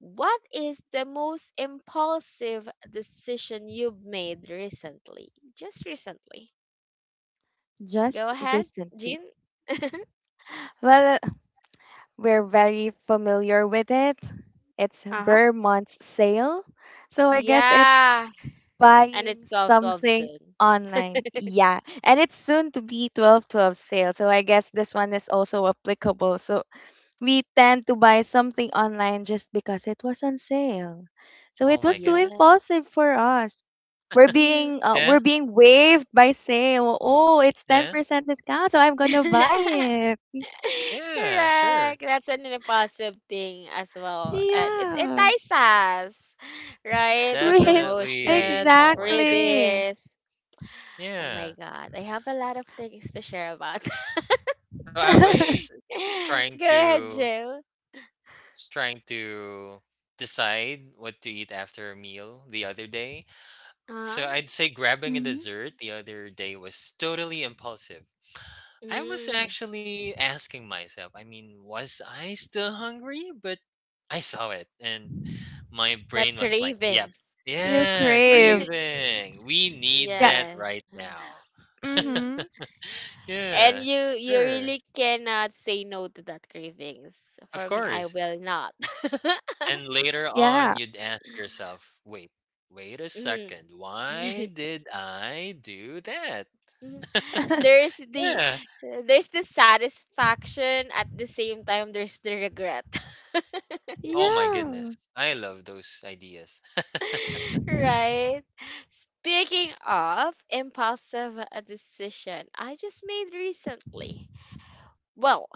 S1: what is the most impulsive decision you've made recently? Just recently. Go
S3: Just
S1: ahead,
S3: recently.
S1: Jean.
S3: Well, we're very familiar with it. It's
S1: Uh huh.
S3: Vermont's sale. So I guess it's
S1: Yeah. And
S3: buying
S1: it's solved
S3: something
S1: soon.
S3: online. Yeah. And it's soon to be 12 12 sale. So I guess this one is also applicable. So we tend to buy something online just because it was on sale. So
S2: Oh
S3: it was
S2: my
S3: too
S2: goodness.
S3: impulsive
S1: Yes.
S3: for us. We're
S1: Mhm.
S3: being uh,
S2: Yeah,
S3: we're being waived by sale. Oh, it's
S2: yeah,
S3: 10% discount, so I'm going to buy it.
S2: yeah, sure.
S1: Correct. That's an impulsive thing as well. And it's
S3: Yeah.
S1: entice us, right? The
S3: Real,
S2: Definitely.
S1: promotions,
S2: Oh my goodness.
S3: exactly.
S1: freebies. Oh my
S2: Yeah.
S1: God. I have a lot of things to share about.
S2: So I was trying
S1: Go ahead,
S2: to
S1: Jill.
S2: trying to decide what to eat after a meal the other day. So
S1: Uh-huh.
S2: I'd say grabbing a
S3: hmm
S2: dessert the other day was totally impulsive. I was
S1: Mm,
S2: actually asking myself, I mean, was I still hungry? But I saw it and my brain
S1: that
S2: was like, yep,
S1: craving.
S3: You
S2: yeah,
S3: craved.
S2: craving. We need
S3: Yeah.
S2: that
S1: Yes.
S2: right now.
S1: Mm-hmm.
S3: Mm-hmm.
S1: And
S2: Yeah,
S1: you
S2: sure.
S1: really cannot say no to that cravings.
S2: Of
S1: For me, I
S2: course.
S1: will not.
S2: And later
S3: Yeah.
S2: on, you'd ask yourself, wait, wait a
S1: Mhm.
S2: second, why did I do that?
S1: Mhm. There's the,
S2: Yeah.
S1: there's the satisfaction. At the same time, there's the regret.
S2: Oh my goodness.
S3: Yeah.
S2: I love those ideas.
S1: Right? Speaking of impulsive decision, I just made recently. Well,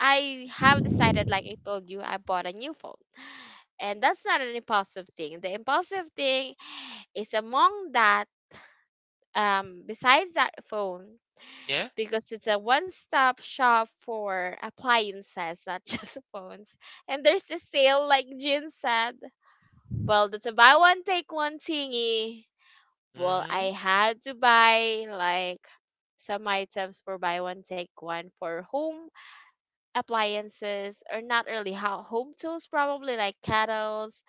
S1: I have decided, like I told you, I bought a new phone. And that's not an impulsive thing. The impulsive thing is among that, besides that phone,
S2: Yeah.
S1: because it's a one stop shop for appliances, not just phones. And there's a sale, like Jin said. Well, that's a buy one, take one thingy.
S2: Mm
S1: Well, I
S2: hmm.
S1: had to buy like some items for buy one, take one for home appliances, or not really home tools, probably like kettles,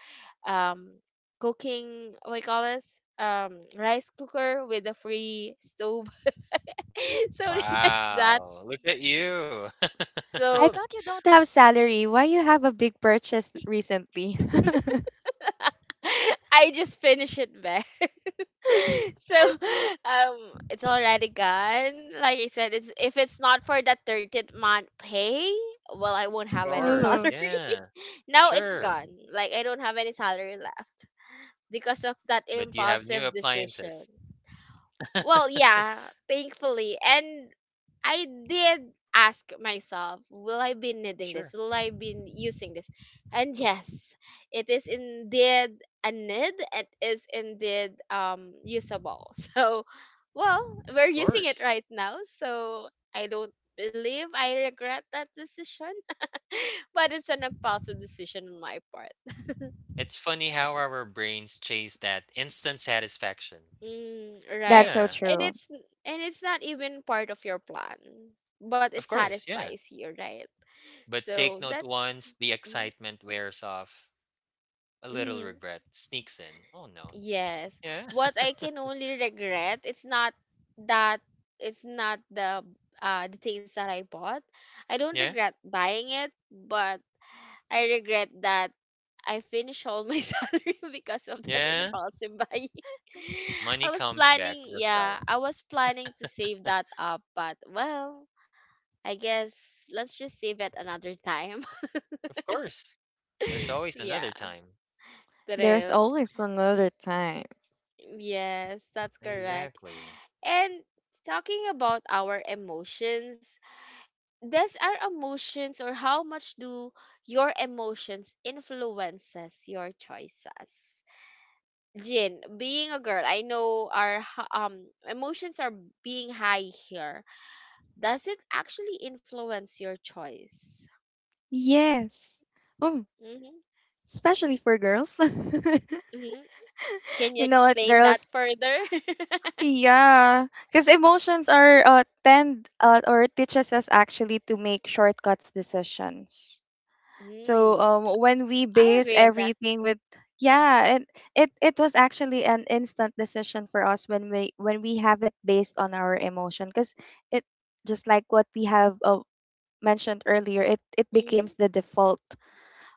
S1: um cooking, what you call this, rice cooker with a free stove something like that.
S2: Wow, look at you.
S3: I
S1: So
S3: thought you don't have salary. Why you have a big purchase recently?
S1: I just finish it back. So it's already gone. Like I said, it's if it's not for that 13th month pay, well I won't
S2: Of
S1: have any
S2: course,
S3: Oh,
S1: salary.
S2: yeah,
S1: Now it's
S2: sure,
S1: gone, like I don't have any salary left because of that
S2: but you have new
S1: impulsive
S2: appliances.
S1: decision. Well, yeah, thankfully. And I did ask myself, will I be needing this?
S2: Sure,
S1: Will I be using this? And yes, it is indeed a need. It is indeed usable. So, well, we're
S2: of
S1: using it
S2: course.
S1: right now. So, I don't believe I regret that decision, but it's an impulsive decision on my part.
S2: It's funny how our brains chase that instant satisfaction.
S1: Mm,
S3: that's
S1: right.
S3: so
S2: Yeah,
S1: And
S3: true.
S1: it's, and it's not even part of your plan, but it
S2: of course, yeah.
S1: satisfies you, right?
S2: But take
S1: So
S2: note,
S1: that's
S2: once the
S1: mm,
S2: excitement wears off, a little
S1: mm,
S2: regret sneaks in. Oh no.
S1: yes.
S2: Yeah,
S1: What I can only regret, it's not that, it's not the the things that I bought. I don't
S2: yeah,
S1: regret buying it, but I regret that I finished all my salary because of that
S2: yeah.
S1: impulsive buying. I
S2: Money
S1: was
S2: comes back,
S1: planning, yeah,
S2: Rafael.
S1: I was planning to save that up, but well, I guess let's just save it another time.
S2: Of course, there's always
S1: Yeah,
S2: another time.
S3: There's
S1: true.
S3: always another time.
S1: Yes, that's correct.
S2: Exactly.
S1: And talking about our emotions, does our emotions, or how much do your emotions influences your choices? Jin, being a girl, I know our emotions are being high here. Does it actually influence your choice?
S3: Yes. Oh,
S1: hmm
S3: especially for girls.
S1: hmm Can you
S3: You know what,
S1: explain that
S3: girls?
S1: further?
S3: Yeah, because emotions are tend or teaches us actually to make shortcuts decisions. So
S1: Mm,
S3: when we
S1: I
S3: base
S1: agree on that.
S3: everything with, yeah, and it was actually an instant decision for us when we have it based on our emotion, because it just like what we have mentioned earlier, it
S1: Mm-hmm.
S3: becomes the default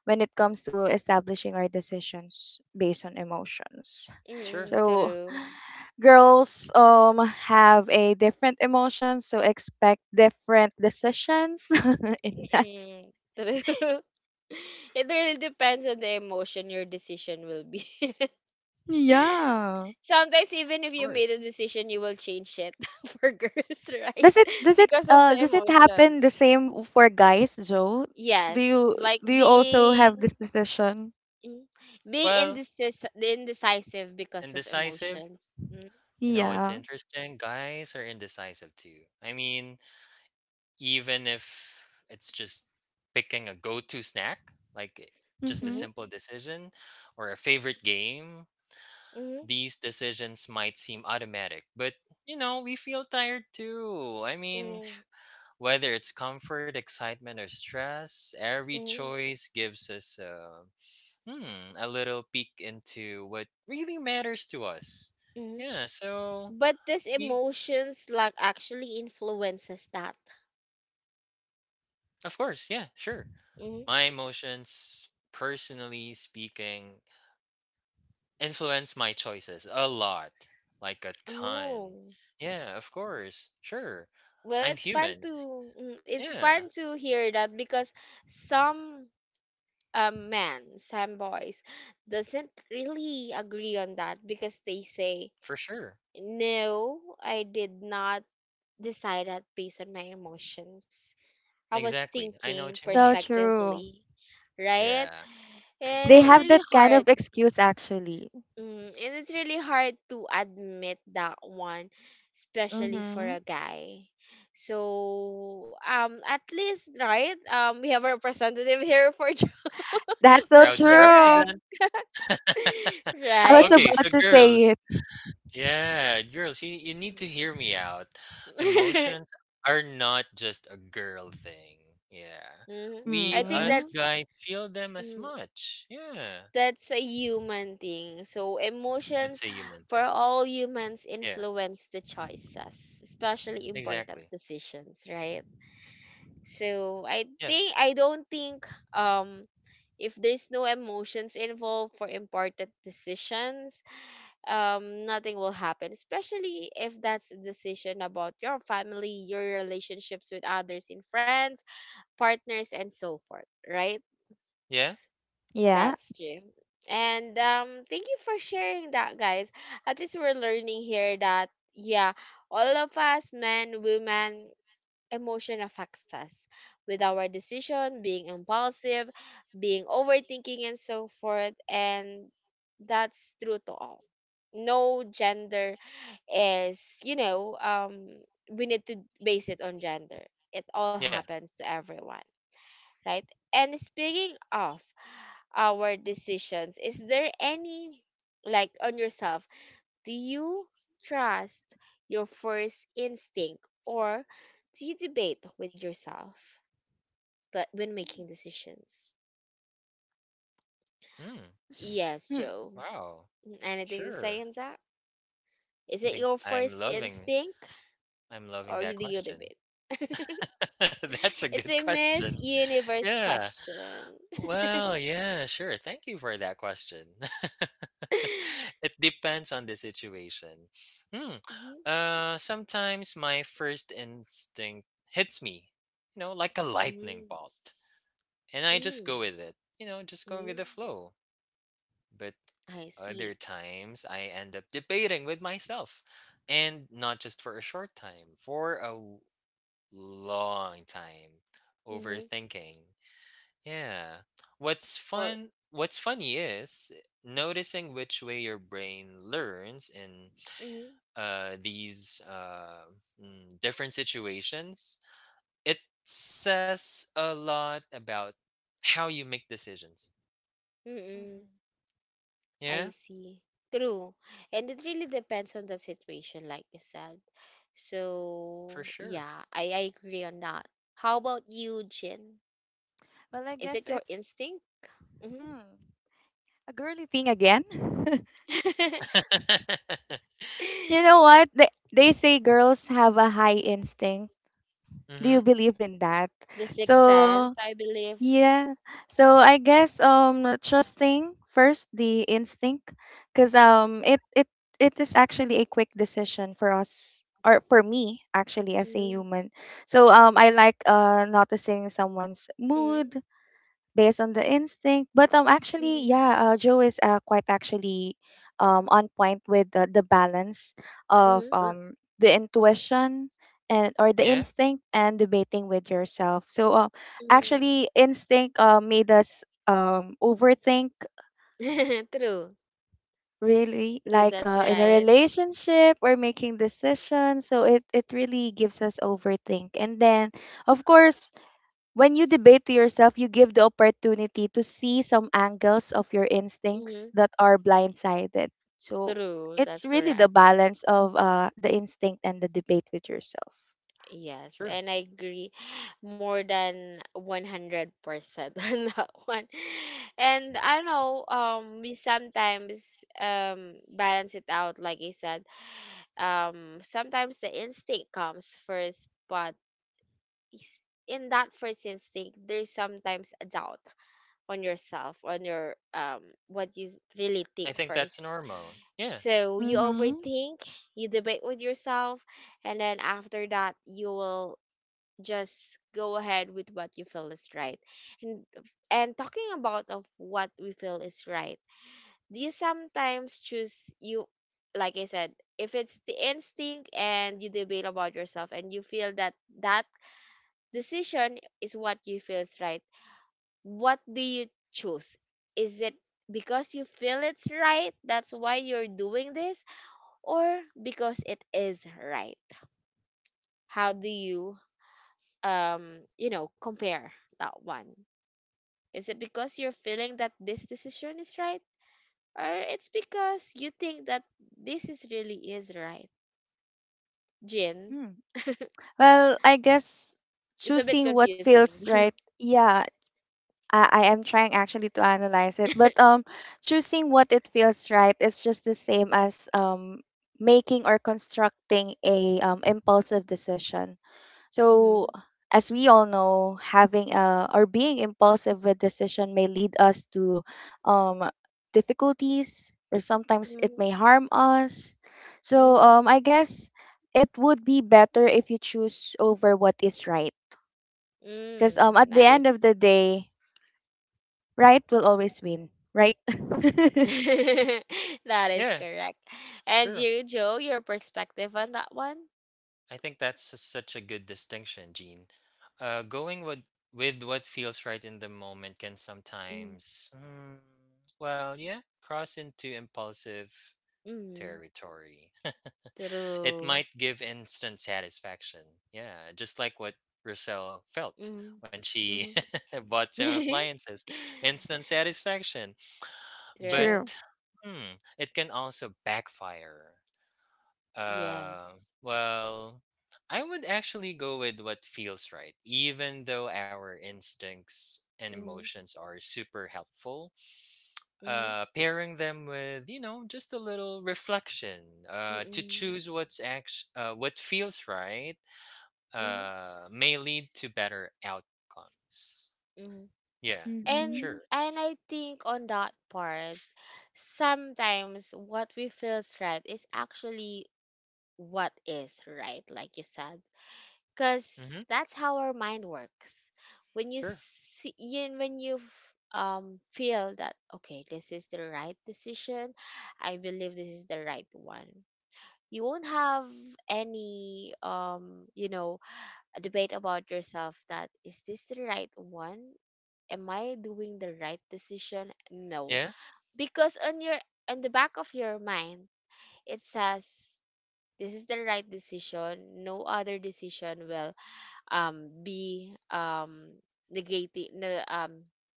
S3: when it comes to establishing our decisions based on emotions.
S2: Sure.
S1: Mm-hmm.
S3: So
S1: True.
S3: girls have a different emotions, so expect different decisions in that.
S1: Mm-hmm. True. It really depends on the emotion your decision will be.
S3: Yeah.
S1: Sometimes even if you made
S2: Course.
S1: a decision, you will change it for girls, right?
S3: Does it does it
S1: Because of
S3: uh
S1: the
S3: does it happen
S1: emotions.
S3: the same for guys, Joe? Do you
S1: Yes, like
S3: do you also have
S1: being
S3: this decision?
S1: mm, being
S2: Well,
S1: indecisive because of
S2: indecisive.
S1: emotions.
S2: You know what's
S3: Yeah.
S2: interesting? Guys are indecisive too. I mean, even if it's just picking a go-to snack, like i- just a
S3: Mm-hmm.
S1: Mm-hmm,
S2: simple decision or a favorite game,
S1: mm-hmm,
S2: these decisions might seem automatic, but you know, we feel tired too. I mean,
S1: mm-hmm,
S2: whether it's comfort, excitement, or stress, every
S1: mm-hmm,
S2: choice gives us a a little peek into what really matters to us.
S1: mm-hmm.
S2: Yeah, so
S1: But these
S2: we,
S1: emotions like actually influences that.
S2: of course, yeah, sure.
S1: mm
S2: My emotions, personally speaking, influence my choices a lot, like a ton.
S1: Oh,
S2: Yeah, of course, sure.
S1: well,
S2: I'm
S1: it's fun
S2: human.
S1: to it's
S2: Yeah,
S1: fun to hear that because some men, some boys, doesn't really agree on that because they say,
S2: for sure.
S1: "No, I did not." Decided based on my emotions. I was
S2: Exactly. I know
S1: thinking
S2: what you
S3: So
S2: mean.
S3: true.
S1: perspectively, right?
S2: Yeah, of
S1: And
S3: They
S1: it's
S3: have
S2: course.
S1: really
S3: that kind
S1: hard.
S3: of excuse actually.
S1: Mm, and it's really hard to admit that one, especially for
S3: Mm-hmm.
S1: a guy. So, at least, right? We have a representative here for Joe,
S3: That's so
S1: with
S2: Proud to
S1: Joe, right?
S3: true.
S2: represent.
S3: I was
S1: Right?
S2: Okay, so
S3: about to say
S2: girls.
S3: it.
S2: Yeah, girls, you need to hear me out. Emotions are not just a girl thing. Yeah.
S1: Mhm. I
S2: We,
S1: think
S2: us
S3: Mm-hmm.
S1: that's.
S2: guys, feel them as
S1: mm,
S2: much. Yeah.
S1: that's a human thing. So
S2: It's
S1: emotions
S2: a human
S1: for
S2: thing.
S1: all humans
S2: Yeah,
S1: influence the choices, especially important
S2: exactly.
S1: decisions, right? So I
S2: Yes.
S1: think I don't think um if there's no emotions involved for important decisions, nothing will happen. Especially if that's a decision about your family, your relationships with others and friends, partners and so forth, right?
S2: Yeah.
S3: Yeah.
S1: That's true. And thank you for sharing that, guys. At least we're learning here that, yeah, all of us, men, women, emotion affects us with our decision, being impulsive, being overthinking, and so forth. And that's true to all. No gender is, you know, we need to base it on gender. It all
S2: Yeah.
S1: happens to everyone, right? And speaking of our decisions. Is there any, like on yourself, do you trust your first instinct or do you debate with yourself but when making decisions?
S2: Mm,
S1: Yes,
S3: Mm. Mhm.
S1: Joe.
S2: wow.
S1: Mm, anything to say
S2: Sure.
S1: on that? Is
S2: I
S1: it
S2: think
S1: your
S2: I'm
S1: first
S2: loving
S1: instinct,
S2: I'm
S1: or
S2: loving
S1: you
S2: that
S1: do you
S2: question.
S1: debate?
S2: That's a
S1: It's a
S2: good
S1: Miss
S2: question.
S1: Universe
S2: Yeah.
S1: question.
S2: Well, yeah, sure. Thank you for that question. It depends on the situation. Hmm.
S1: Mhm,
S2: Sometimes my first instinct hits me, you know, like a lightning
S1: mhm.
S2: bolt, and I just go
S1: Mm,
S2: with it, you know, just going with
S1: mm,
S2: the flow. But
S1: I
S2: other
S1: see.
S2: times I end up debating with myself, and not just for a short time, long time,
S1: Mm-hmm.
S2: overthinking. Yeah. What's
S1: Well,
S2: fun? What's funny is noticing which way your brain learns and
S1: Mm,
S2: uh, these uh, different situations, it says a lot about how you make decisions.
S1: mm-mm. I
S2: Yeah,
S1: see. True. And it really depends on the situation, like you said.
S2: for
S1: So,
S2: sure.
S1: yeah, I agree on that. How about you, Jin?
S3: Well, I
S1: Is it
S3: guess
S1: your
S3: it's
S1: instinct? hmm
S3: hmm, a girly thing again.
S2: Mm-hmm.
S3: You know what? They say girls have a high instinct. Do you believe in that?
S1: The sixth sense,
S3: So
S1: I believe.
S3: yeah, so I guess trusting first the instinct, because it is actually a quick decision for us, or for me actually as a
S1: Mm,
S3: human. So I like noticing someone's mood
S1: mm,
S3: based on the instinct. But actually,
S1: mm,
S3: yeah, Joe is quite actually on point with the balance of
S1: mm,
S2: Sure.
S3: the intuition, and or the
S2: Yeah,
S3: instinct, and debating with yourself. So
S1: Hmm.
S3: actually, instinct made us overthink
S1: True.
S3: really,
S1: True,
S3: like
S1: that's
S3: in a
S1: right.
S3: relationship or making decisions. So it really gives us overthink, and then of course when you debate to yourself, you give the opportunity to see some angles of your instincts
S1: Mm,
S3: that are blindsided. So
S1: True,
S3: it's
S1: that's
S3: really the
S1: correct.
S3: balance of the instinct and the debate with yourself.
S1: Yes,
S2: sure.
S1: and I agree more than 100% on that one. And I know we sometimes balance it out like I said. Sometimes the instinct comes first, but in that first instinct there's sometimes a doubt on yourself, on your what you really
S2: I
S1: think
S2: think
S1: first.
S2: that's normal. Yeah,
S1: So you
S3: Mm-hmm.
S1: overthink, you debate with yourself, and then after that you will just go ahead with what you feel is right. And and talking about of what we feel is right, do you sometimes choose you like I said, if it's the instinct and you debate about yourself and you feel that that decision is what you feel is right, what do you choose? Is it because you feel it's right, that's why you're doing this, or because it is right? How do you you know compare that one? Is it because you're feeling that this decision is right? Or it's because you think that this is really is right? Jin,
S3: Mm. Well, I guess
S1: it's a bit
S3: choosing what feels
S1: confusing.
S3: right. Yeah, I am trying actually to analyze it, but choosing what it feels right is just the same as making or constructing a impulsive decision. So,
S1: Mm,
S3: as we all know, having a or being impulsive with decision may lead us to um, difficulties, or sometimes it
S1: mm,
S3: may harm us. So,
S1: mm,
S3: I guess it would be better if you choose over what is right, because
S1: mm,
S3: at the end of
S1: nice.
S3: the day, right will always win, right?
S1: That is
S2: yeah,
S1: correct. And
S2: sure.
S1: you, Joe, your perspective on that one?
S2: I think that's such a good distinction, Gene. Going with what feels right in the moment can
S1: Mm,
S2: sometimes, yeah, cross into impulsive
S1: mm,
S2: territory. It
S1: true.
S2: might give instant satisfaction. Yeah, just like what Rochelle felt
S1: Mm,
S2: when she
S1: mm.
S2: bought some appliances. Instant satisfaction. But
S1: True.
S3: True.
S2: it can also backfire. Uh,
S1: Yes.
S2: well, I would actually go with what feels right, even though our instincts and
S1: Mm,
S2: emotions are super helpful.
S1: mm,
S2: Pairing them with, you know, just a little reflection uh, to
S1: mm,
S2: choose what's act- uh, what feels right
S1: mm,
S2: may lead to better outcomes.
S1: mm,
S2: Yeah,
S1: and
S3: Mm-hmm.
S2: sure.
S1: and I think on that part, sometimes what we feels right is actually what is right, like you said, because
S2: Mm-hmm.
S1: that's how our mind works. When you
S2: Sure.
S1: see, yin- when you feel that okay, this is the right decision, I believe this is the right one. You won't have any a debate about yourself that is this the right one am I doing the right decision? No.
S2: Yeah,
S1: Because on your on the back of your mind, it says this is the right decision. No other decision will be negating no,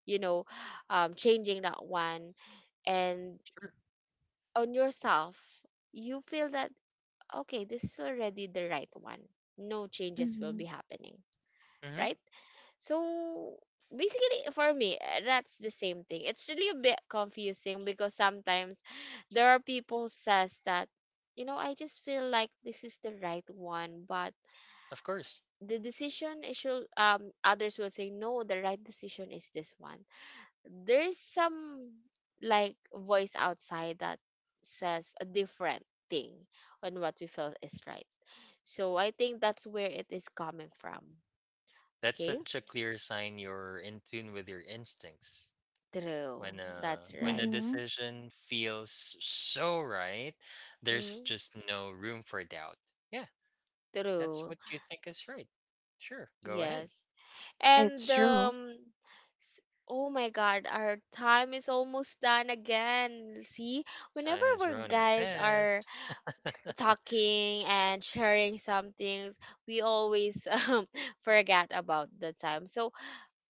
S1: you know changing that one and
S2: sure.
S1: on yourself you feel that okay this is already the right one no changes will
S3: Mm-hmm.
S1: be happening
S2: Mm-hmm.
S1: right? So basically, for me, that's the same thing. It's really a bit confusing because sometimes there are people who says that, you know, I just feel like this is the right one, but
S2: Of course.
S1: the decision is should others will say no, the right decision is this one. There's some like voice outside that says a different thing on what we feel is right. So I think that's where it is coming from.
S2: That's
S1: Okay.
S2: such a clear sign you're in tune with your instincts.
S1: True.
S2: When
S1: That's
S2: a
S1: right.
S3: Mm-hmm.
S2: decision feels so right, there's
S1: Hmm.
S2: just no room for doubt. Yeah, that's
S1: True.
S2: what you think is right. Sure, go ahead.
S1: Yes. And
S3: It's true.
S1: s- oh my god, our time is almost done again. See, whenever
S2: Time is
S1: we
S2: running
S1: guys are
S2: fast.
S1: talking and sharing some things, we always forget about the time. So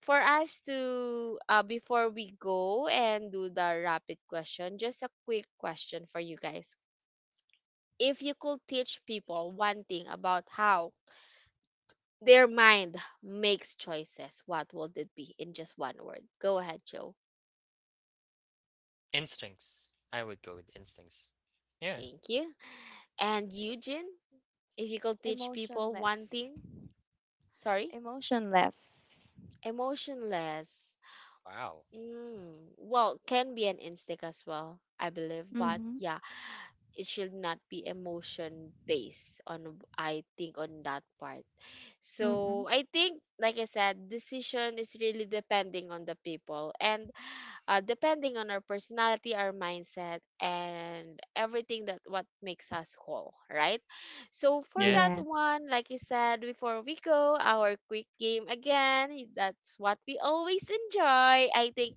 S1: for us to before we go and do the rapid question, just a quick question for you guys. If you could teach people one thing about how their mind makes choices. What will it be in just one word? Go ahead, Joe.
S2: Instincts. I would go with instincts. Yeah.
S1: Thank you. And Eugene, if you could teach people one
S3: Emotionless.
S1: thing, sorry,
S3: Emotionless.
S1: emotionless.
S2: Wow.
S1: Mm, well, can be an instinct as well, I believe, but
S3: Mm-hmm.
S1: yeah, it should not be emotion based on I think on that part.
S3: Mm-hmm.
S1: So I think, like I said, decision is really depending on the people, and depending on our personality, our mindset, and everything that what makes us whole, right? So for
S2: Yeah.
S1: that
S3: Yeah.
S1: one, like I said before, we go our quick game again. That's what we always enjoy. I think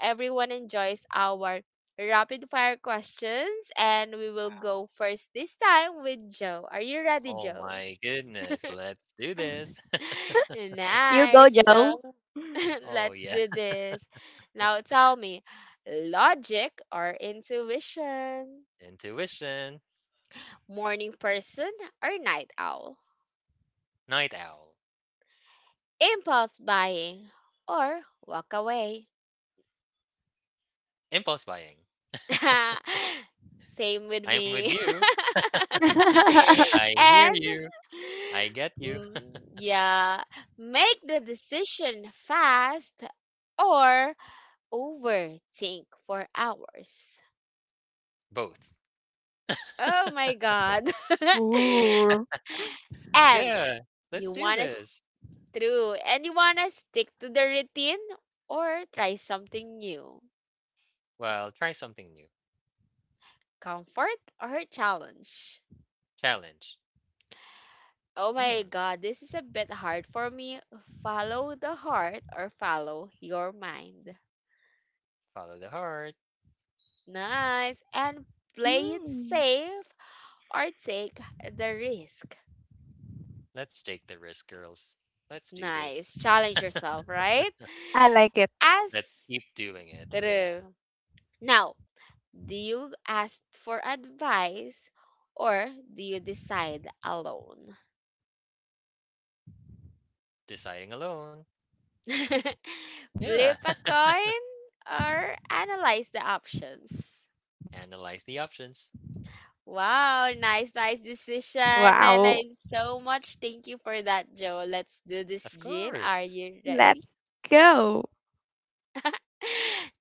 S1: everyone enjoys our rapid fire questions, and we will go
S2: Wow.
S1: first this time with Joe. Are you ready,
S2: Oh
S1: Joe?
S2: my goodness. Let's do this.
S3: You go,
S1: Nice. So
S3: Joe.
S2: Oh
S1: let's
S2: yeah.
S1: do this. Now tell me, logic or intuition?
S2: Intuition.
S1: Morning person or night owl?
S2: Night owl.
S1: Impulse buying or walk away?
S2: Impulse buying.
S1: Same with
S2: I'm with
S1: me.
S2: you. I hear
S1: And
S2: you. I get you.
S1: mm, yeah, make the decision fast or overthink for hours.
S2: Both.
S1: Oh my god.
S3: Ooh.
S1: And
S2: Yeah,
S1: you
S2: let's do
S1: want us
S2: this.
S1: through and you want to stick to the routine or try something new?
S2: Well, try something new.
S1: Comfort or challenge?
S2: Challenge.
S1: Oh my
S2: Hmm,
S1: god, this is a bit hard for me. Follow the heart or follow your mind?
S2: follow the heart.
S1: Nice. And play it
S3: Mm.
S1: safe or take the risk?
S2: Let's take the risk, girls. Let's do
S1: Nice,
S2: this.
S1: challenge yourself, right?
S3: I like it.
S2: Let's
S1: As
S2: keep doing it. Yeah.
S1: true. Now, do you ask for advice or do you decide alone?
S2: Deciding alone. Yeah.
S1: Flip a coin or analyze the options?
S2: Analyze the options.
S1: Wow, nice, nice decision. And
S3: Wow.
S1: I'm so much thank you for that, Joe. Let's do this,
S2: Of
S1: Jean. Are
S2: course.
S1: you ready?
S3: Let's go.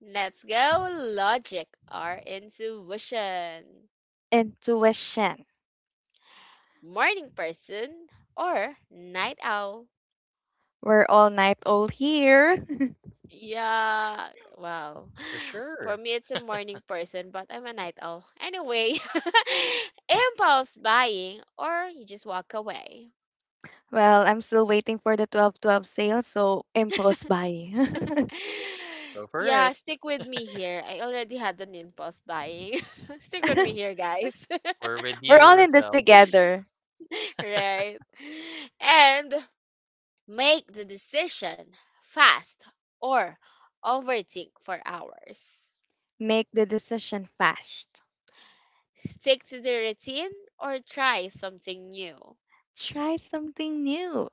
S1: Let's go. Logic or intuition?
S3: Intuition.
S1: Morning person or night owl?
S3: We're all night old here.
S1: Yeah. Wow.
S2: For
S1: For
S2: sure.
S1: me, it's a morning person, but I'm a night owl. Anyway, impulse buying or you just walk away?
S3: Well, I'm still waiting for the 12-12 sale, so impulse buy.
S2: Go for
S1: Yeah,
S2: it.
S1: stick with me here. I already had an impulse buying. Stick with me here, guys.
S2: We're with
S3: We're
S2: you,
S3: all in this
S2: Rosel.
S3: together.
S1: Right. And make the decision fast or overthink for hours?
S3: Make the decision fast.
S1: Stick to the routine or try something new?
S3: Try something new.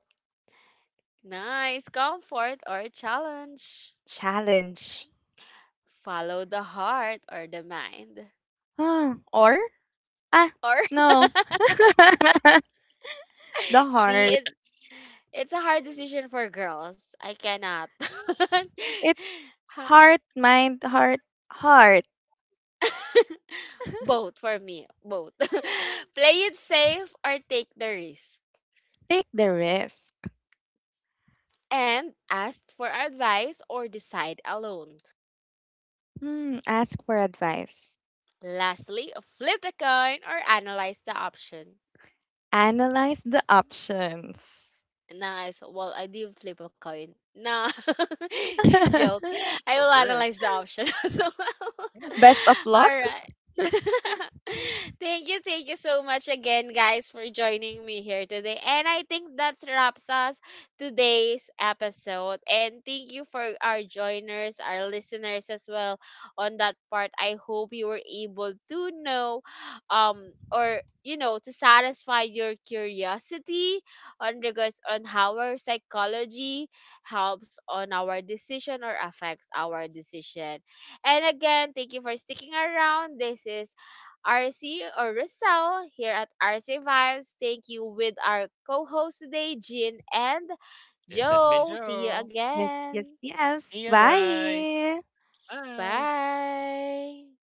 S1: Nice. Comfort or challenge?
S3: Challenge.
S1: Follow the heart or the mind?
S3: Ah, or? Ah,
S1: Or
S3: no. The
S1: see
S3: heart.
S1: it's a hard decision for girls. I cannot.
S3: It's
S1: Ha.
S3: heart, mind, heart, heart.
S1: Both for me. Both. Play it safe or take the risk?
S3: Take the risk.
S1: And ask for advice or decide alone?
S3: Hmm, ask for advice.
S1: Lastly, flip the coin or analyze the option?
S3: Analyze the options.
S1: Nice. Well, I did flip a coin. Nah, joke. I
S2: Go
S1: will
S2: for it.
S1: analyze the option as well.
S2: Yeah.
S3: Best of luck.
S1: All right. Thank you, thank you so much again, guys, for joining me here today. And I think that wraps us today's episode. And thank you for our joiners, our listeners as well on that part. I hope you were able to know or you know to satisfy your curiosity on regards on how our psychology helps on our decision or affects our decision. And again, thank you for sticking around. This is RC or Rizal here at RC Vibes. Thank you with our co-host today, Jin and
S2: This has been
S1: Joe. See you
S2: Joe.
S3: Yes, yes,
S1: again.
S3: yes.
S2: See you guys.
S3: Bye.
S2: Bye.
S1: Bye.